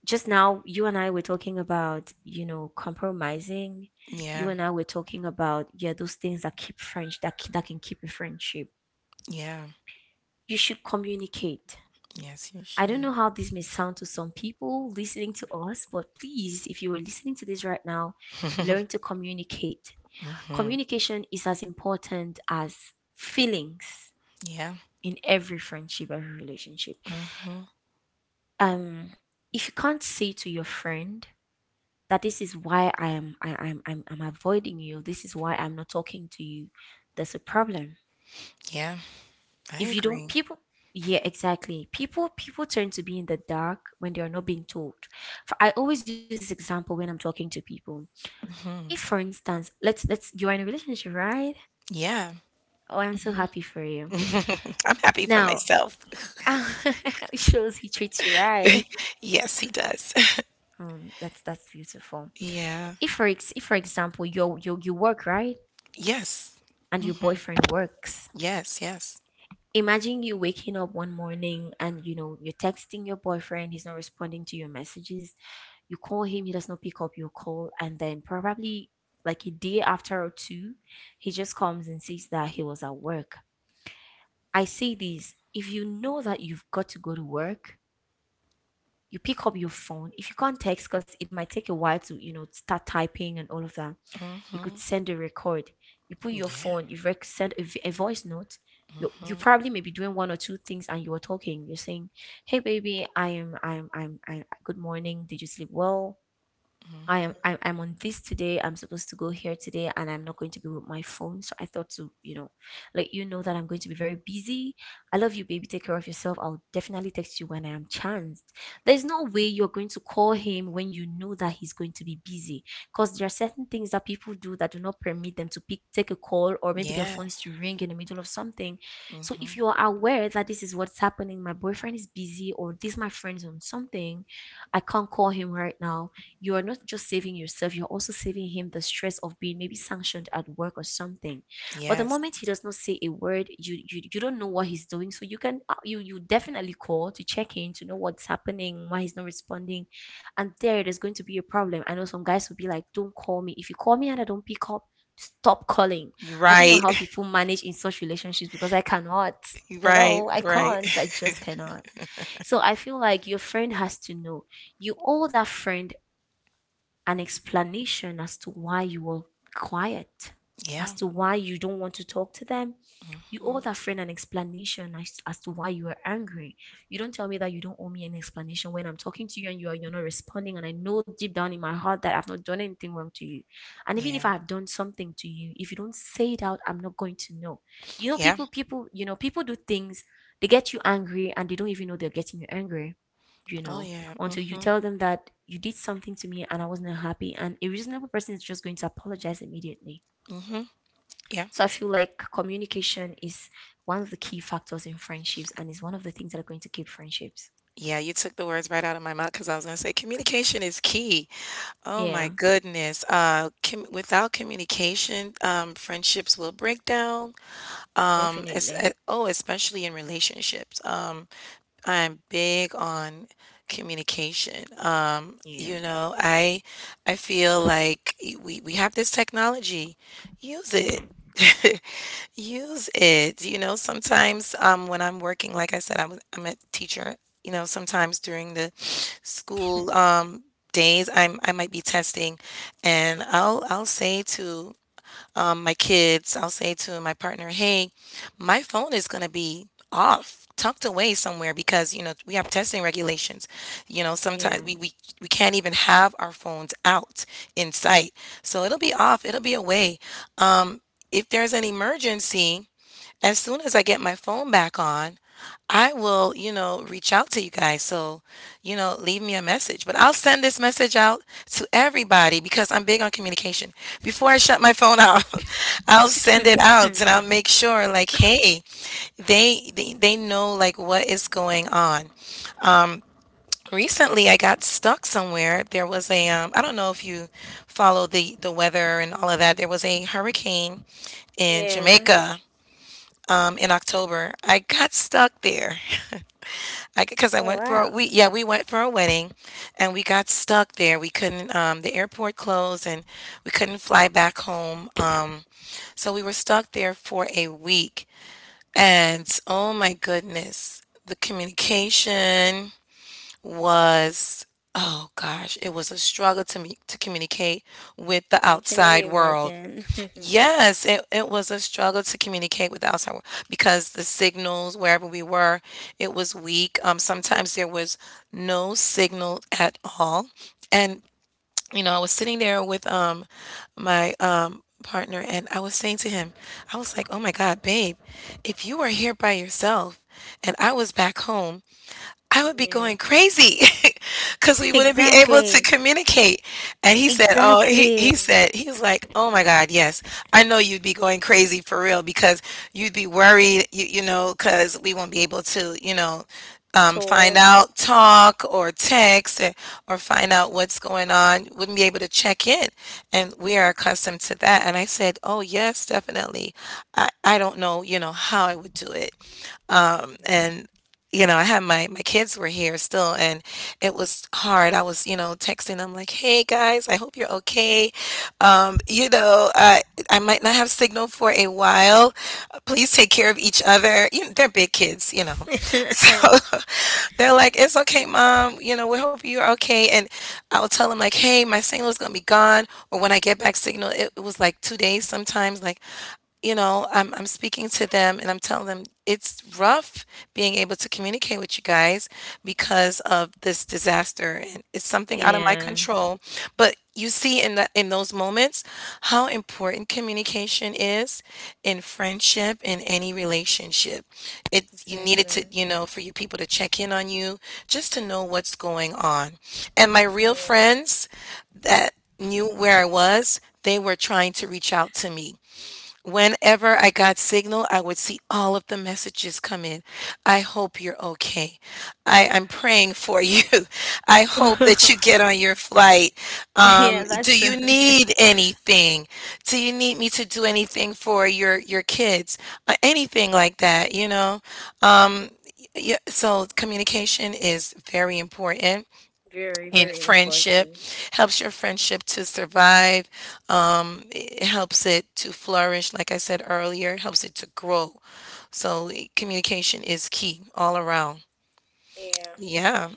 S2: Just now, you and I were talking about you know compromising. You
S1: Yeah.
S2: and I were talking about yeah those things that keep French that can keep a friendship.
S1: Yeah.
S2: You should communicate.
S1: Yes, you
S2: I don't know
S1: should.
S2: how this may sound to some people listening to us, but please, if you are listening to this right now, learn to communicate.
S1: Mm-hmm.
S2: Communication is as important as feelings
S1: Yeah.
S2: in every friendship, every relationship.
S1: Mm-hmm.
S2: Um, if you can't say to your friend that this is why I am I, I'm avoiding you, this is why I'm not talking to you, there's a problem.
S1: Yeah. I
S2: If you don't
S1: agree.
S2: people yeah, exactly. People tend to be in the dark when they are not being told. For, I always use this example when I'm talking to people. If for instance, let's you are in a relationship, right?
S1: Yeah.
S2: Oh, I'm so happy for you.
S1: I'm happy for
S2: Now,
S1: myself.
S2: it shows he treats you right.
S1: Yes, he does.
S2: That's beautiful.
S1: Yeah.
S2: If for example you work right
S1: Yes.
S2: and your
S1: Mm-hmm.
S2: boyfriend works,
S1: Yes. Yes.
S2: imagine you waking up one morning and you know you're texting your boyfriend, he's not responding to your messages. You call him, he does not pick up your call, and then probably like a day after or two, he just comes and says that he was at work. I say this: if you know that you've got to go to work, you pick up your phone. If you can't text because it might take a while to start typing and all of that, you could
S1: Mm-hmm.
S2: send a record. You put your
S1: Yeah.
S2: phone, you send a, a voice note. You
S1: Mm-hmm.
S2: probably may be doing one or two things and you are talking, you're saying, hey baby, I am I'm I good morning, did you sleep well? I
S1: Mhm.
S2: I'm on this today. I'm supposed to go here today, and I'm not going to be with my phone. So I thought to let you know that I'm going to be very busy. I love you, baby. Take care of yourself. I'll definitely text you when I am chanced. There's no way you're going to call him when you know that he's going to be busy, because there are certain things that people do that do not permit them to pick take a call or maybe their
S1: Yeah,
S2: phones to ring in the middle of something. So if
S1: mhm.
S2: you are aware that this is what's happening, my boyfriend is busy, or this my friend is on something, I can't call him right now. You are not just saving yourself, you're also saving him the stress of being maybe sanctioned at work or something. But the
S1: Yes.
S2: moment he does not say a word, you don't know what he's doing. So you can you definitely call to check in to know what's happening, why he's not responding. And there's going to be a problem. I know some guys will be like, don't call me. If you call me and I don't pick up, stop calling.
S1: You're
S2: I don't know
S1: right.
S2: how people manage in such relationships because I cannot.
S1: You're right,
S2: Hello, I
S1: right.
S2: can't. I just cannot. So I feel like your friend has to know, you owe that friend an explanation as to why you were quiet, as
S1: Yeah,
S2: to why you don't want to talk to them. You owe
S1: mhm.
S2: that friend an explanation as to why you are angry. You don't tell me that you don't owe me an explanation when I'm talking to you and you're not responding, and I know deep down in my heart that I've not done anything wrong to you. And even if
S1: Yeah,
S2: I have done something to you, if you don't say it out, I'm not going to know. You know,
S1: yeah.
S2: people do things, they get you angry and they don't even know they're getting you angry, you
S1: Oh,
S2: know,
S1: yeah,
S2: until you
S1: mhm,
S2: tell them that you did something to me and I wasn't happy. And a reasonable person is just going to apologize immediately.
S1: mhm, yeah.
S2: So I feel like communication is one of the key factors in friendships, and is one of the things that are going to keep friendships.
S1: Yeah, you took the words right out of my mouth because I was gonna say communication is key. Oh my
S2: Yeah,
S1: goodness, com without communication, friendships will break down, es
S2: definitely.
S1: eh oh, especially in relationships, I'm big on communication.
S2: Yeah.
S1: You know, I feel like we have this technology. Use it. Use it. You know, sometimes when I'm working, like I said, I'm a teacher. You know, sometimes during the school days, I'm I might be testing, and I'll say to my kids, I'll say to my partner, hey, my phone is going to be off, tucked away somewhere because, you know, we have testing regulations. You know,
S2: Yeah.
S1: sometimes we can't even have our phones out in sight. So it'll be off, it'll be away. If there's an emergency, as soon as I get my phone back on, I will, you know, reach out to you guys. So, you know, leave me a message. But I'll send this message out to everybody because I'm big on communication. Before I shut my phone off, I'll send it out and I'll make sure like, hey, they know like what is going on. Recently, I got stuck somewhere. There was a I don't know if you follow the weather and all of that. There was a hurricane in
S2: Yeah.
S1: Jamaica in October. I got stuck there. I because I
S2: Oh,
S1: went for a,
S2: wow.
S1: we yeah we went for a wedding, and we got stuck there. We couldn't the airport closed and we couldn't fly back home. So we were stuck there for a week, and oh my goodness, the communication was oh gosh, it was a struggle to me to communicate with the
S2: I can
S1: outside
S2: only
S1: world.
S2: imagine.
S1: Yes, it was a struggle to communicate with the outside world because the signals wherever we were, it was weak. Sometimes there was no signal at all. And, you know, I was sitting there with my partner and I was saying to him, I was like, oh my God, babe, if you were here by yourself and I was back home, I would be
S2: Yeah.
S1: going crazy because we wouldn't be able to
S2: Exactly.
S1: communicate. And he said, oh,
S2: Exactly.
S1: he said, he was like, oh my God, yes. I know you'd be going crazy for real because you'd be worried, you know, because we won't be able to, you know, find
S2: Talk.
S1: out, talk or text eh, or find out what's going on. Wouldn't be able to check in. And we are
S2: Mhm.
S1: accustomed to that. And I said, oh, yes, definitely. I don't know, you know, how I would do it and you know, I had my kids were here still, and it was hard. I was, you know, texting them like, "Hey guys, I hope you're okay. You know, I might not have signal for a while. Please take care of each other." You know, they're big kids, you know, so they're like, "It's okay, mom. You know, we hope you're okay." And I would tell them like, "Hey, my signal is gonna be gone, or when I get back signal, it was like 2 days sometimes. Like, you know, I'm speaking to them and I'm telling them it's rough being able to communicate with you guys because of this disaster and it's something out of my
S2: Yeah.
S1: control. But you see in that in those moments how important communication is in friendship in any relationship. It you needed
S2: Exactly.
S1: to, you know, for your people to check in on you just to know what's going on. And my real
S2: Yeah.
S1: friends that knew where I was, they were trying to reach out to me. Whenever I got signal, I would see all of the messages come in. I hope you're okay. I'm praying for you. I hope that you get on your flight.
S2: Yeah, that's
S1: Do you need anything? Do you need me to do anything for your kids? Anything like that, you know? Yeah, so communication is very important
S2: very,
S1: in
S2: very
S1: friendship,
S2: important.
S1: helps your friendship to survive it helps it to flourish, like I said earlier, helps it to grow, so eh, communication is key all around,
S2: Yeah.
S1: yeah.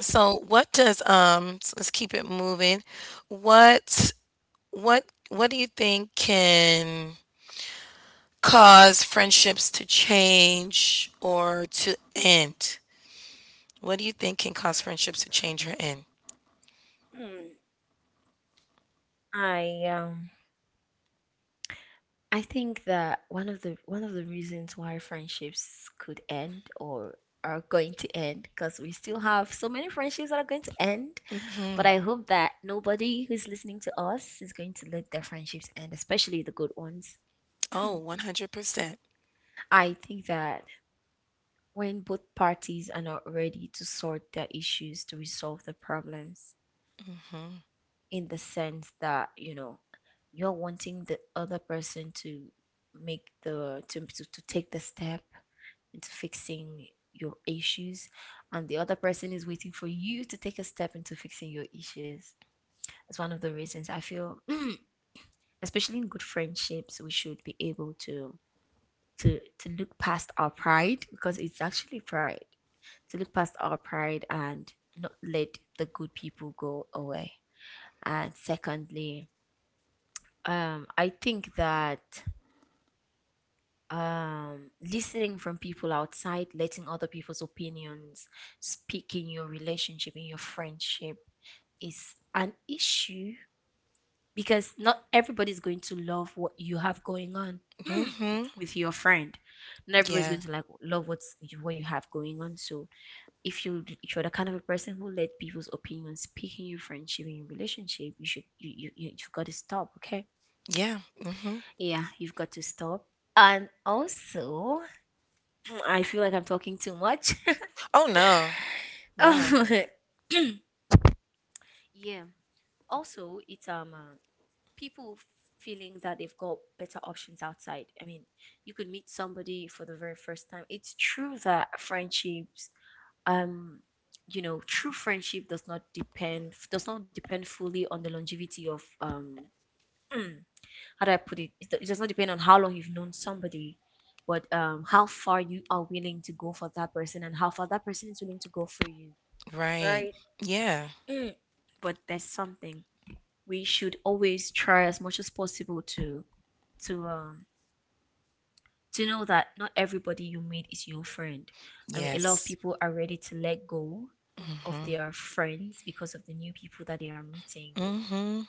S1: So what does so let's keep it moving, what what do you think can cause friendships to change or to end? What do you think can cause friendships to change or end?
S2: Mm. I um I think that one of the reasons why friendships could end or are going to end, because we still have so many friendships that are going to end. But I hope that nobody who's listening to us is going to let their friendships end, especially the good ones.
S1: Oh, 100%.
S2: I think that when both parties are not ready to sort their issues, to resolve the problems, in the sense that, you know, you're wanting the other person to to take the step into fixing your issues, and the other person is waiting for you to take a step into fixing your issues. That's one of the reasons I feel. Especially in good friendships, we should be able to to look past our pride, because it's actually pride, to look past our pride and not let the good people go away. And secondly, I think that, listening from people outside, letting other people's opinions speak in your relationship, in your friendship, is an issue, because not everybody's going to love what you have going on
S1: Mm-hmm.
S2: with your friend. Not everybody's
S1: Yeah.
S2: going to like love what you have going on. So if you if you're the kind of a person who let people's opinions speak in your friendship, in your relationship, you should you, you you- you've got to stop, okay?
S1: Yeah, mhm.
S2: Yeah, you've got to stop. And also, I feel like I'm talking too much.
S1: Oh, no. No.
S2: Oh, yeah. Also, it's people feeling that they've got better options outside. I mean, you could meet somebody for the very first time. It's true that friendships, um, you know, true friendship does not depend fully on the longevity of how do I put it? It does not depend on how long you've known somebody, but how far you are willing to go for that person, and how far that person is willing to go for you.
S1: Right.
S2: Right.
S1: Yeah.
S2: Mm. But there's something we should always try as much as possible to um to know that not everybody you meet is your friend. I mean, a lot of
S1: Yes.
S2: people are ready to let go of
S1: Mhm.
S2: their friends because of the new people that they are meeting.
S1: Mhm.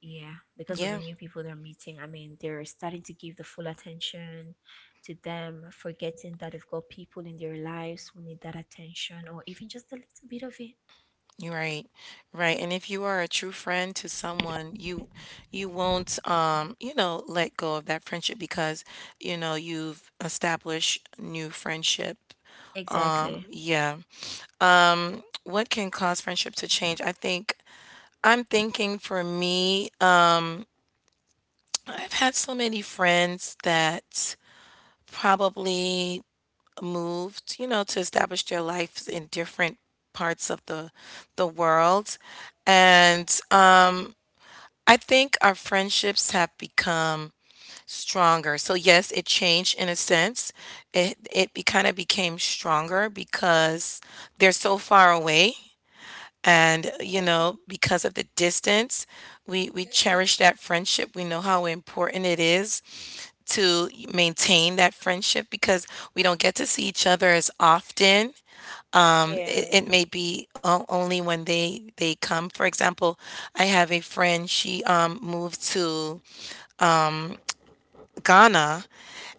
S2: Yeah, because of the
S1: Yeah,
S2: new people they're meeting. I mean, they're starting to give the full attention to them, forgetting that they've got people in their lives who need that attention, or even just a little bit of it.
S1: you're right. Right, and if you are a true friend to someone, you won't, you know, let go of that friendship because, you know, you've established new friendship.
S2: Exactly.
S1: Yeah. What can cause friendship to change? I think I'm thinking for me, I've had so many friends that probably moved, you know, to establish their lives in different parts of the world. And I think our friendships have become stronger. So yes, it changed in a sense. It kind of became stronger because they're so far away and, you know, because of the distance, we cherish that friendship. We know how important it is to maintain that friendship because we don't get to see each other as often
S2: Mhm. Yeah.
S1: it may be only when they come. For example, I have a friend, she moved to Ghana,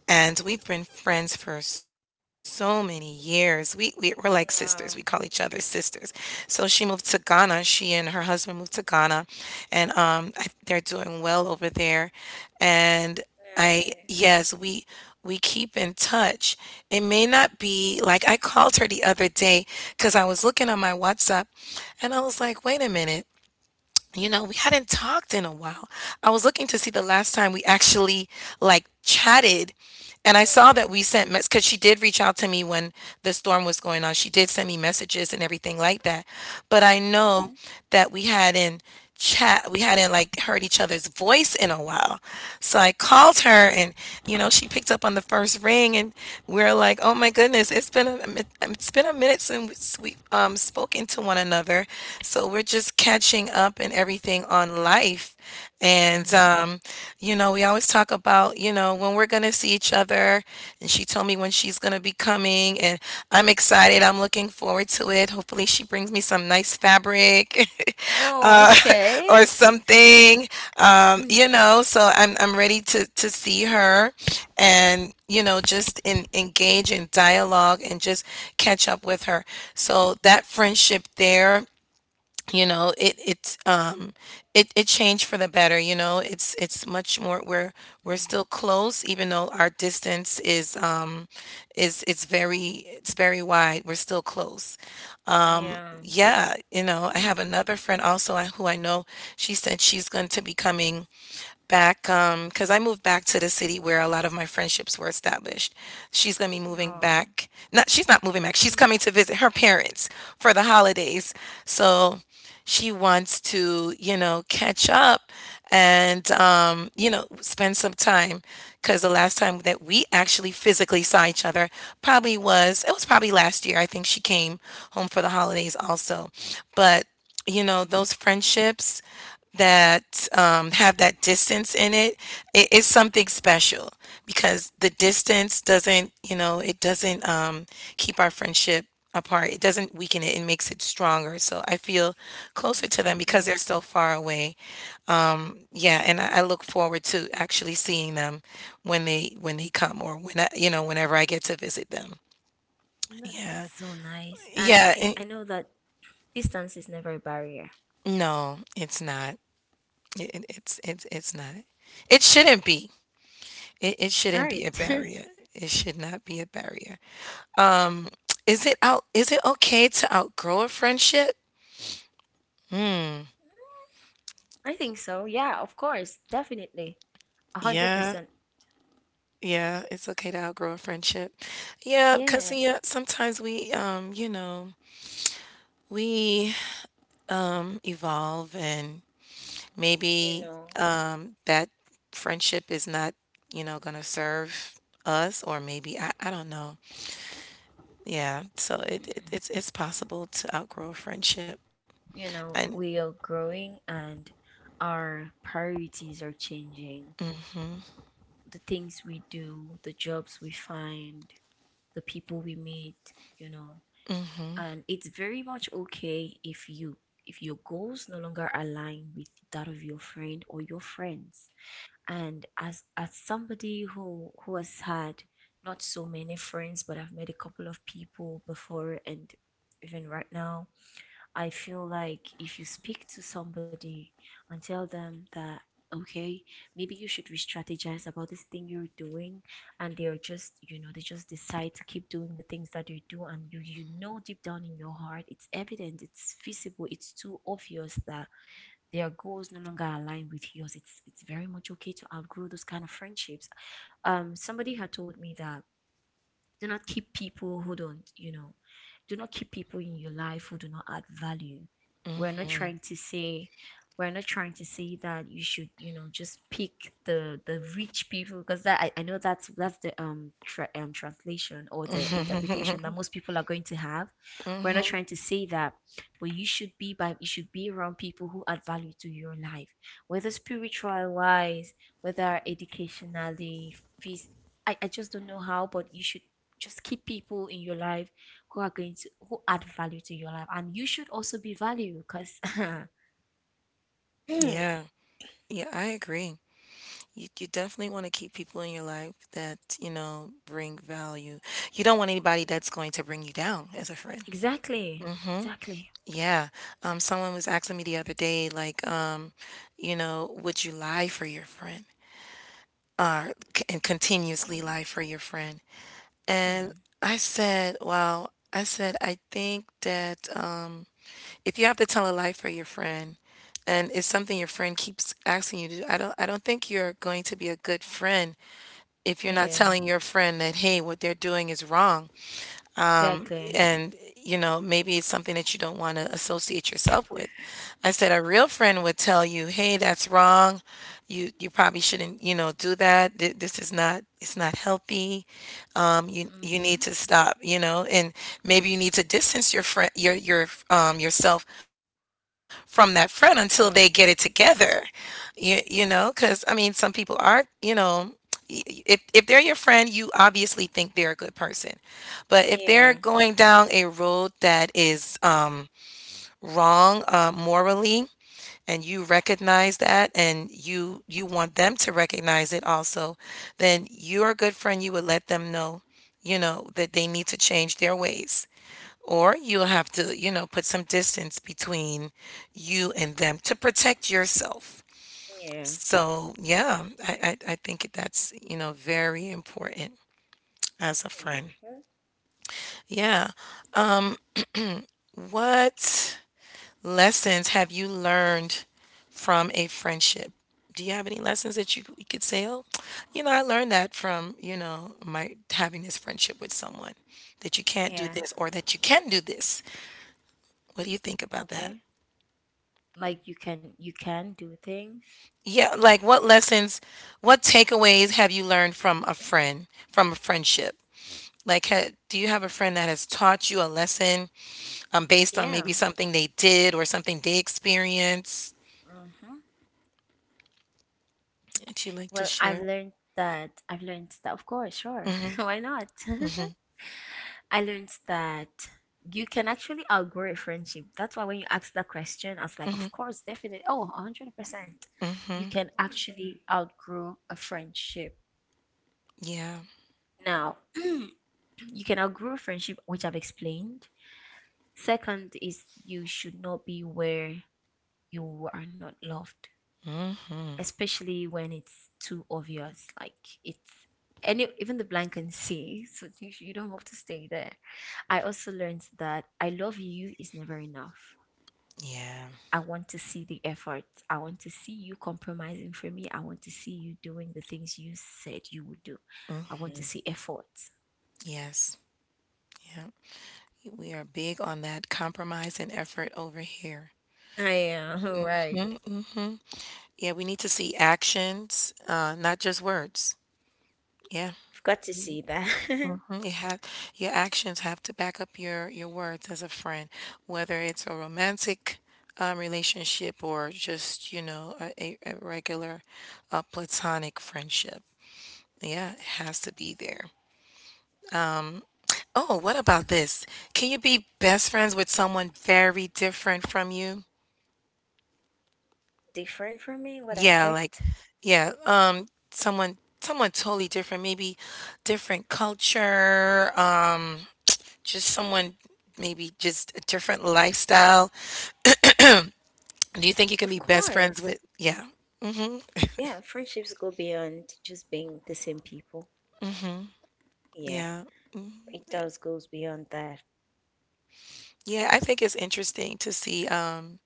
S1: and we've been friends for so many years. We we're like sisters. We call each
S2: Wow.
S1: other sisters. So she moved to Ghana. She and her husband moved to Ghana, and I, they're doing well over there. And I
S2: Nice.
S1: yes, we keep in touch. It may not be like I called her the other day because I was looking on my WhatsApp, and I was like, wait a minute, you know, we hadn't talked in a while. I was looking to see the last time we actually like chatted. And I saw
S2: Mm-hmm.
S1: that we sent mess because she did reach out to me when the storm was going on. She did send me messages and everything like that. But I know that we hadn't chat. We hadn't like heard each other's voice in a while. So I called her, and you know, she picked up on the first ring, and we are like, "Oh my goodness, it's been a it's been a minute since we spoken to one another." So we're just catching up and everything on life.
S2: Mm-hmm.
S1: And
S2: Mm-hmm.
S1: you know, we always talk about, you know, when we're going to see each other, and she told me when she's going to be coming, and I'm excited. I'm looking forward to it. Hopefully she brings me some nice fabric.
S2: Oh,
S1: uh,
S2: okay.
S1: or something.
S2: Mm,
S1: You know, so I'm ready to see her, and you know, just engage in dialogue and just catch up with her. So that friendship there, you know, it's it changed for the better. You know, it's much more. We're
S2: mm.
S1: still close, even though our distance is it's very it's very wide. We're still close,
S2: Yeah.
S1: yeah, you know, I have
S2: Mm.
S1: another friend also I who I know, she said she's going to be coming back because I moved back to the city where a lot of my friendships were established. She's gonna be moving
S2: Oh.
S1: back. Not she's not moving
S2: Mm,
S1: back.
S2: mm,
S1: She's coming to visit her parents for the holidays. So she wants to, you know, catch up and you know, spend some time because the last time that we actually physically saw each other probably was it was probably last year. I think she came home for the holidays also, but you know
S2: mm.
S1: those friendships that have that distance in it, it is something special because the distance doesn't you know it doesn't keep our friendship apart. It doesn't weaken it. It makes it stronger. So I feel closer to them because
S2: Exactly.
S1: they're so far away, yeah. And I look forward to actually seeing them when they come or when you know, whenever I get to visit them.
S2: That's
S1: Yeah,
S2: so nice. And
S1: yeah
S2: I know
S1: it-
S2: that distance is never a barrier.
S1: No, it's not. It's not. It shouldn't be. It shouldn't
S2: Right.
S1: be a barrier. It should not be a barrier. Is it okay to outgrow a friendship?
S2: I think so. Yeah, of course. Definitely. A
S1: Yeah,
S2: 100%.
S1: yeah, it's okay to outgrow a friendship. Yeah, because
S2: Yes.
S1: yeah, sometimes we, you know, we evolve and
S2: You
S1: maybe
S2: know,
S1: that friendship is not, you know, gonna serve us, or maybe I don't know. Yeah, so
S2: mm,
S1: it's it's possible to outgrow a friendship.
S2: you know,
S1: And
S2: we are growing and our priorities are changing. The things we do, the jobs we find, the people we meet, you know. And it's very much okay if you if your goals no longer align with that of your friend or your friends. And as somebody who has had not so many friends, but I've met a couple of people before, and even right now, I feel like if you speak to somebody and tell them that, okay, maybe you should re-strategize about this thing you're doing, and they're just, you know, they just decide to keep doing the things that they do, and you know, deep down in your heart, it's evident, it's feasible, it's too obvious that their goals no longer align with yours, it's very much okay to outgrow those kind of friendships. Somebody had told me that, do not keep people who don't, you know, do not keep people in your life who do not add value. We're not
S1: mhm.
S2: trying to say we're not trying to say that you should, you know, just pick the rich people, because that, I know that's the translation, or the interpretation that most people are going to have. We're not
S1: Mhm.
S2: trying to say that, but you should be around people who add value to your life, whether spiritual wise, whether educationally, phys-, I just don't know how, but you should just keep people in your life who are going to who add value to your life, and you should also be value, because
S1: Yeah. Yeah, I agree. You definitely want to keep people in your life that, you know, bring value. You don't want anybody that's going to bring you down as a friend.
S2: exactly,
S1: Mm-hmm.
S2: exactly,
S1: Yeah. Someone was asking me the other day, like, you know, would you lie for your friend? Or c- and continuously lie for your friend? And
S2: hmm,
S1: I said, well, I said, I think that if you have to tell a lie for your friend and it's something your friend keeps asking you to do, I don't think you're going to be a good friend if you're not
S2: yeah,
S1: telling your friend that, hey, what they're doing is wrong,
S2: exactly,
S1: and you know, maybe it's something that you don't want to associate yourself with. I said a real friend would tell you, "Hey, that's wrong. You probably shouldn't, you know, do that. This is not, it's not healthy. You need
S2: mm-hmm.
S1: to stop, you know, and maybe you need to distance your friend, yourself from that friend until they get it
S2: Okay.
S1: together, you know, because I mean, some people are, you know, if they're your friend, you obviously think they're a good person, but if they're
S2: Yeah,
S1: going down a road that is wrong morally, and you recognize that and you want them to recognize it also, then you're a good friend. You would let them know, you know, that they need to change their ways. Or you'll have to, you know, put some distance between you and them to protect yourself.
S2: yeah,
S1: So, yeah, I think that's, you know, very important as a friend.
S2: mm-hmm,
S1: Yeah. What lessons have you learned from a friendship? Do you have any lessons that you could say, oh, you know, I learned that from, you know, my having this friendship with someone, that you can't do
S2: yeah,
S1: this or that you can do this? What do you think about that?
S2: okay, like you can do things,
S1: Yeah, like what lessons, what takeaways have you learned from a friend, from a friendship? Like, do you have a friend that has taught you a lesson based on
S2: yeah,
S1: maybe something they did or something they experienced
S2: mm-hmm.
S1: that you like to share?
S2: I've learned that, of course, sure. Why not? I learned that you can actually outgrow a friendship. That's why when you asked that question, I was like, of course, definitely. Oh, 100%. You
S1: Mm-hmm.
S2: can actually outgrow a friendship.
S1: Yeah.
S2: Now, you can outgrow a friendship, which I've explained. Second is, you should not be where you are not loved,
S1: Mm, mhm.
S2: especially when it's too obvious. Like it's any even the blind can see. So you don't have to stay there. I also learned that I love you is never enough.
S1: Yeah.
S2: I want to see the effort. I want to see you compromising for me. I want to see you doing the things you said you would do. I want to see effort.
S1: Yes. Yeah. We are big on that compromise and effort over here.
S2: I am, right.
S1: Mm, mhm. Yeah, we need to see actions, not just words. Yeah.
S2: I've got to see that.
S1: Mhm. It have Your actions have to back up your words as a friend, whether it's a romantic relationship or just, you know, a regular platonic friendship. Yeah, it has to be there. Oh, what about this? Can you be best friends with someone very different from you?
S2: Different from me? What
S1: Yeah, like
S2: aspect?
S1: yeah, someone totally different, maybe different culture, just someone, maybe just a different lifestyle. Do you think you can be
S2: Of
S1: best friends
S2: course.
S1: with, yeah.
S2: Yeah, friendships go beyond just being the same people. Yeah,
S1: Yeah.
S2: it does goes beyond that.
S1: Yeah, I think it's interesting to see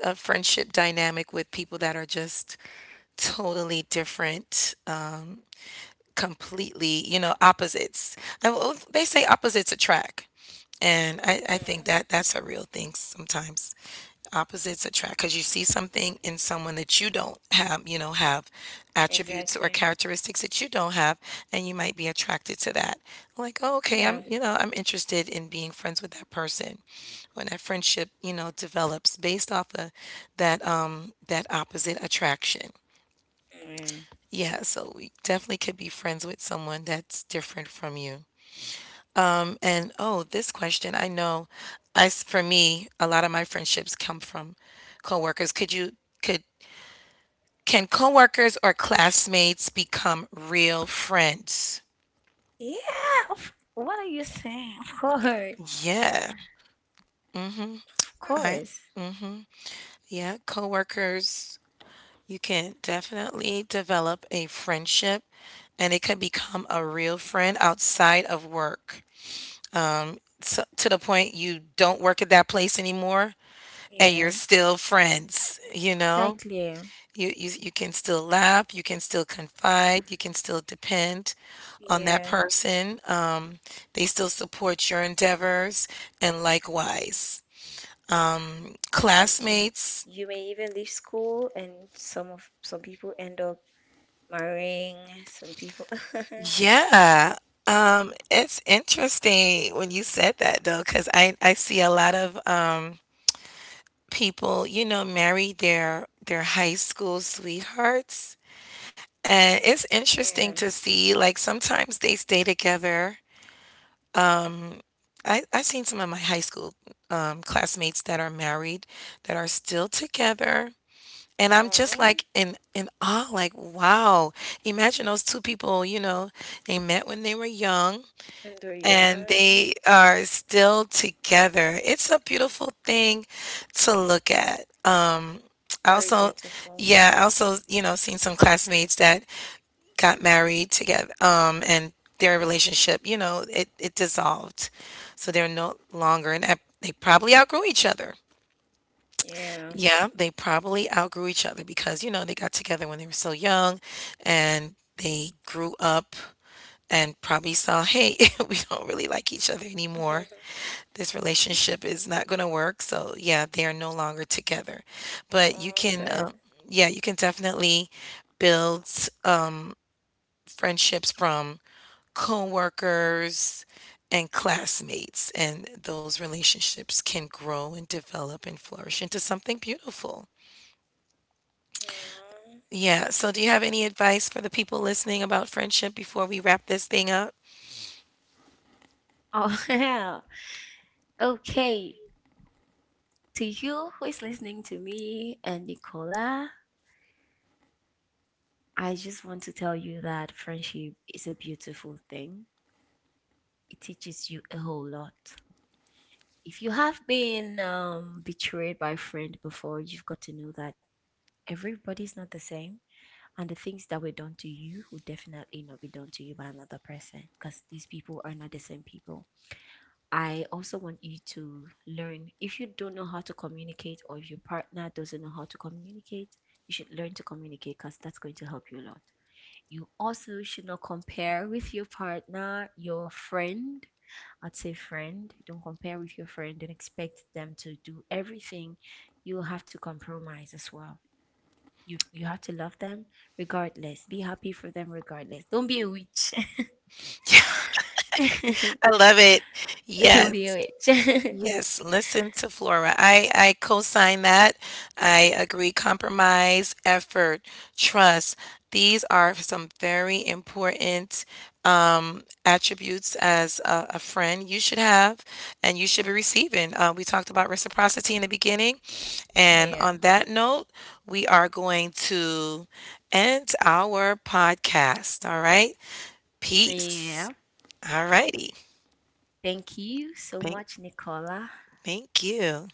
S1: a friendship dynamic with people that are just totally different, completely, you know, opposites. Well, they say opposites attract. And I think
S2: Mm,
S1: that that's a real thing sometimes. Opposites attract because you see something in someone that you don't have, you know, have attributes or
S2: exactly.
S1: characteristics that you don't have, and you might be attracted to that. Like, oh, okay, I'm,
S2: Yeah.
S1: you know, I'm interested in being friends with that person. When that friendship, you know, develops based off of that, that opposite attraction.
S2: Yeah.
S1: Yeah, so we definitely could be friends with someone that's different from you. Mm. And oh, this question, I know, as for me, a lot of my friendships come from coworkers. Could you could Can coworkers or classmates become real friends?
S2: Yeah. Of- what are you saying? Of course.
S1: Yeah.
S2: Of
S1: I
S2: course.
S1: Yeah, coworkers, you can definitely develop a friendship and it could become a real friend outside of work. So, to the point you don't work at that place anymore, and you're
S2: Yeah.
S1: still friends, you know?
S2: Exactly.
S1: You can still laugh, you can still confide, you can still depend on that
S2: Yeah,
S1: person. They still support your endeavors and likewise.
S2: and you
S1: Classmates,
S2: you may even leave school, and some people end up marrying. Some people,
S1: yeah. It's interesting when you said that, though, because I see a lot of people, you know, marry their high school sweethearts. And it's interesting
S2: yeah,
S1: to see, like sometimes they stay together. I've seen some of my high school classmates that are married, that are still together. And I'm just
S2: oh,
S1: like in awe, like, wow. Imagine those two people, you know, they met when they were young
S2: when they're
S1: and
S2: young,
S1: they are still together. It's a beautiful thing to look at. I
S2: very
S1: also,
S2: beautiful.
S1: yeah, I also, you know, seen some classmates that got married together, and their relationship, you know, it dissolved. So they're no longer, and they probably outgrew each other.
S2: Yeah,
S1: Yeah, they probably outgrew each other because, you know, they got together when they were so young and they grew up and probably saw, hey, we don't really like each other anymore. This relationship is not going to work. So, yeah, they are no longer together. But you
S2: oh,
S1: can, uh,
S2: sad.
S1: yeah, you can definitely build friendships from coworkers and classmates, and those relationships can grow and develop and flourish into something beautiful.
S2: Aw.
S1: Yeah, so do you have any advice for the people listening about friendship before we wrap this thing up?
S2: Oh, yeah. Okay. To you who is listening to me and Nicola, I just want to tell you that friendship is a beautiful thing. It teaches you a whole lot. If you have been betrayed by a friend before, you've got to know that everybody's not the same. And the things that were done to you will definitely not be done to you by another person, because these people are not the same people. I also want you to learn, if you don't know how to communicate, or if your partner doesn't know how to communicate, you should learn to communicate, because that's going to help you a lot. You also should not compare with your partner, your friend. I'd say friend. Don't compare with your friend and expect them to do everything. You have to compromise as well. You have to love them regardless. Be happy for them regardless. Don't be a witch.
S1: I love it.
S2: Don't
S1: Yes.
S2: be a witch.
S1: Yes, listen to Flora. I co-sign that. I agree. Compromise, effort, trust. These are some very important attributes as a friend you should have and you should be receiving. We talked about reciprocity in the beginning. And
S2: Yeah.
S1: on that note, we are going to end our podcast. All right. Peace.
S2: Yeah.
S1: All righty.
S2: Thank you so
S1: Thank,
S2: much, Nicola.
S1: thank you.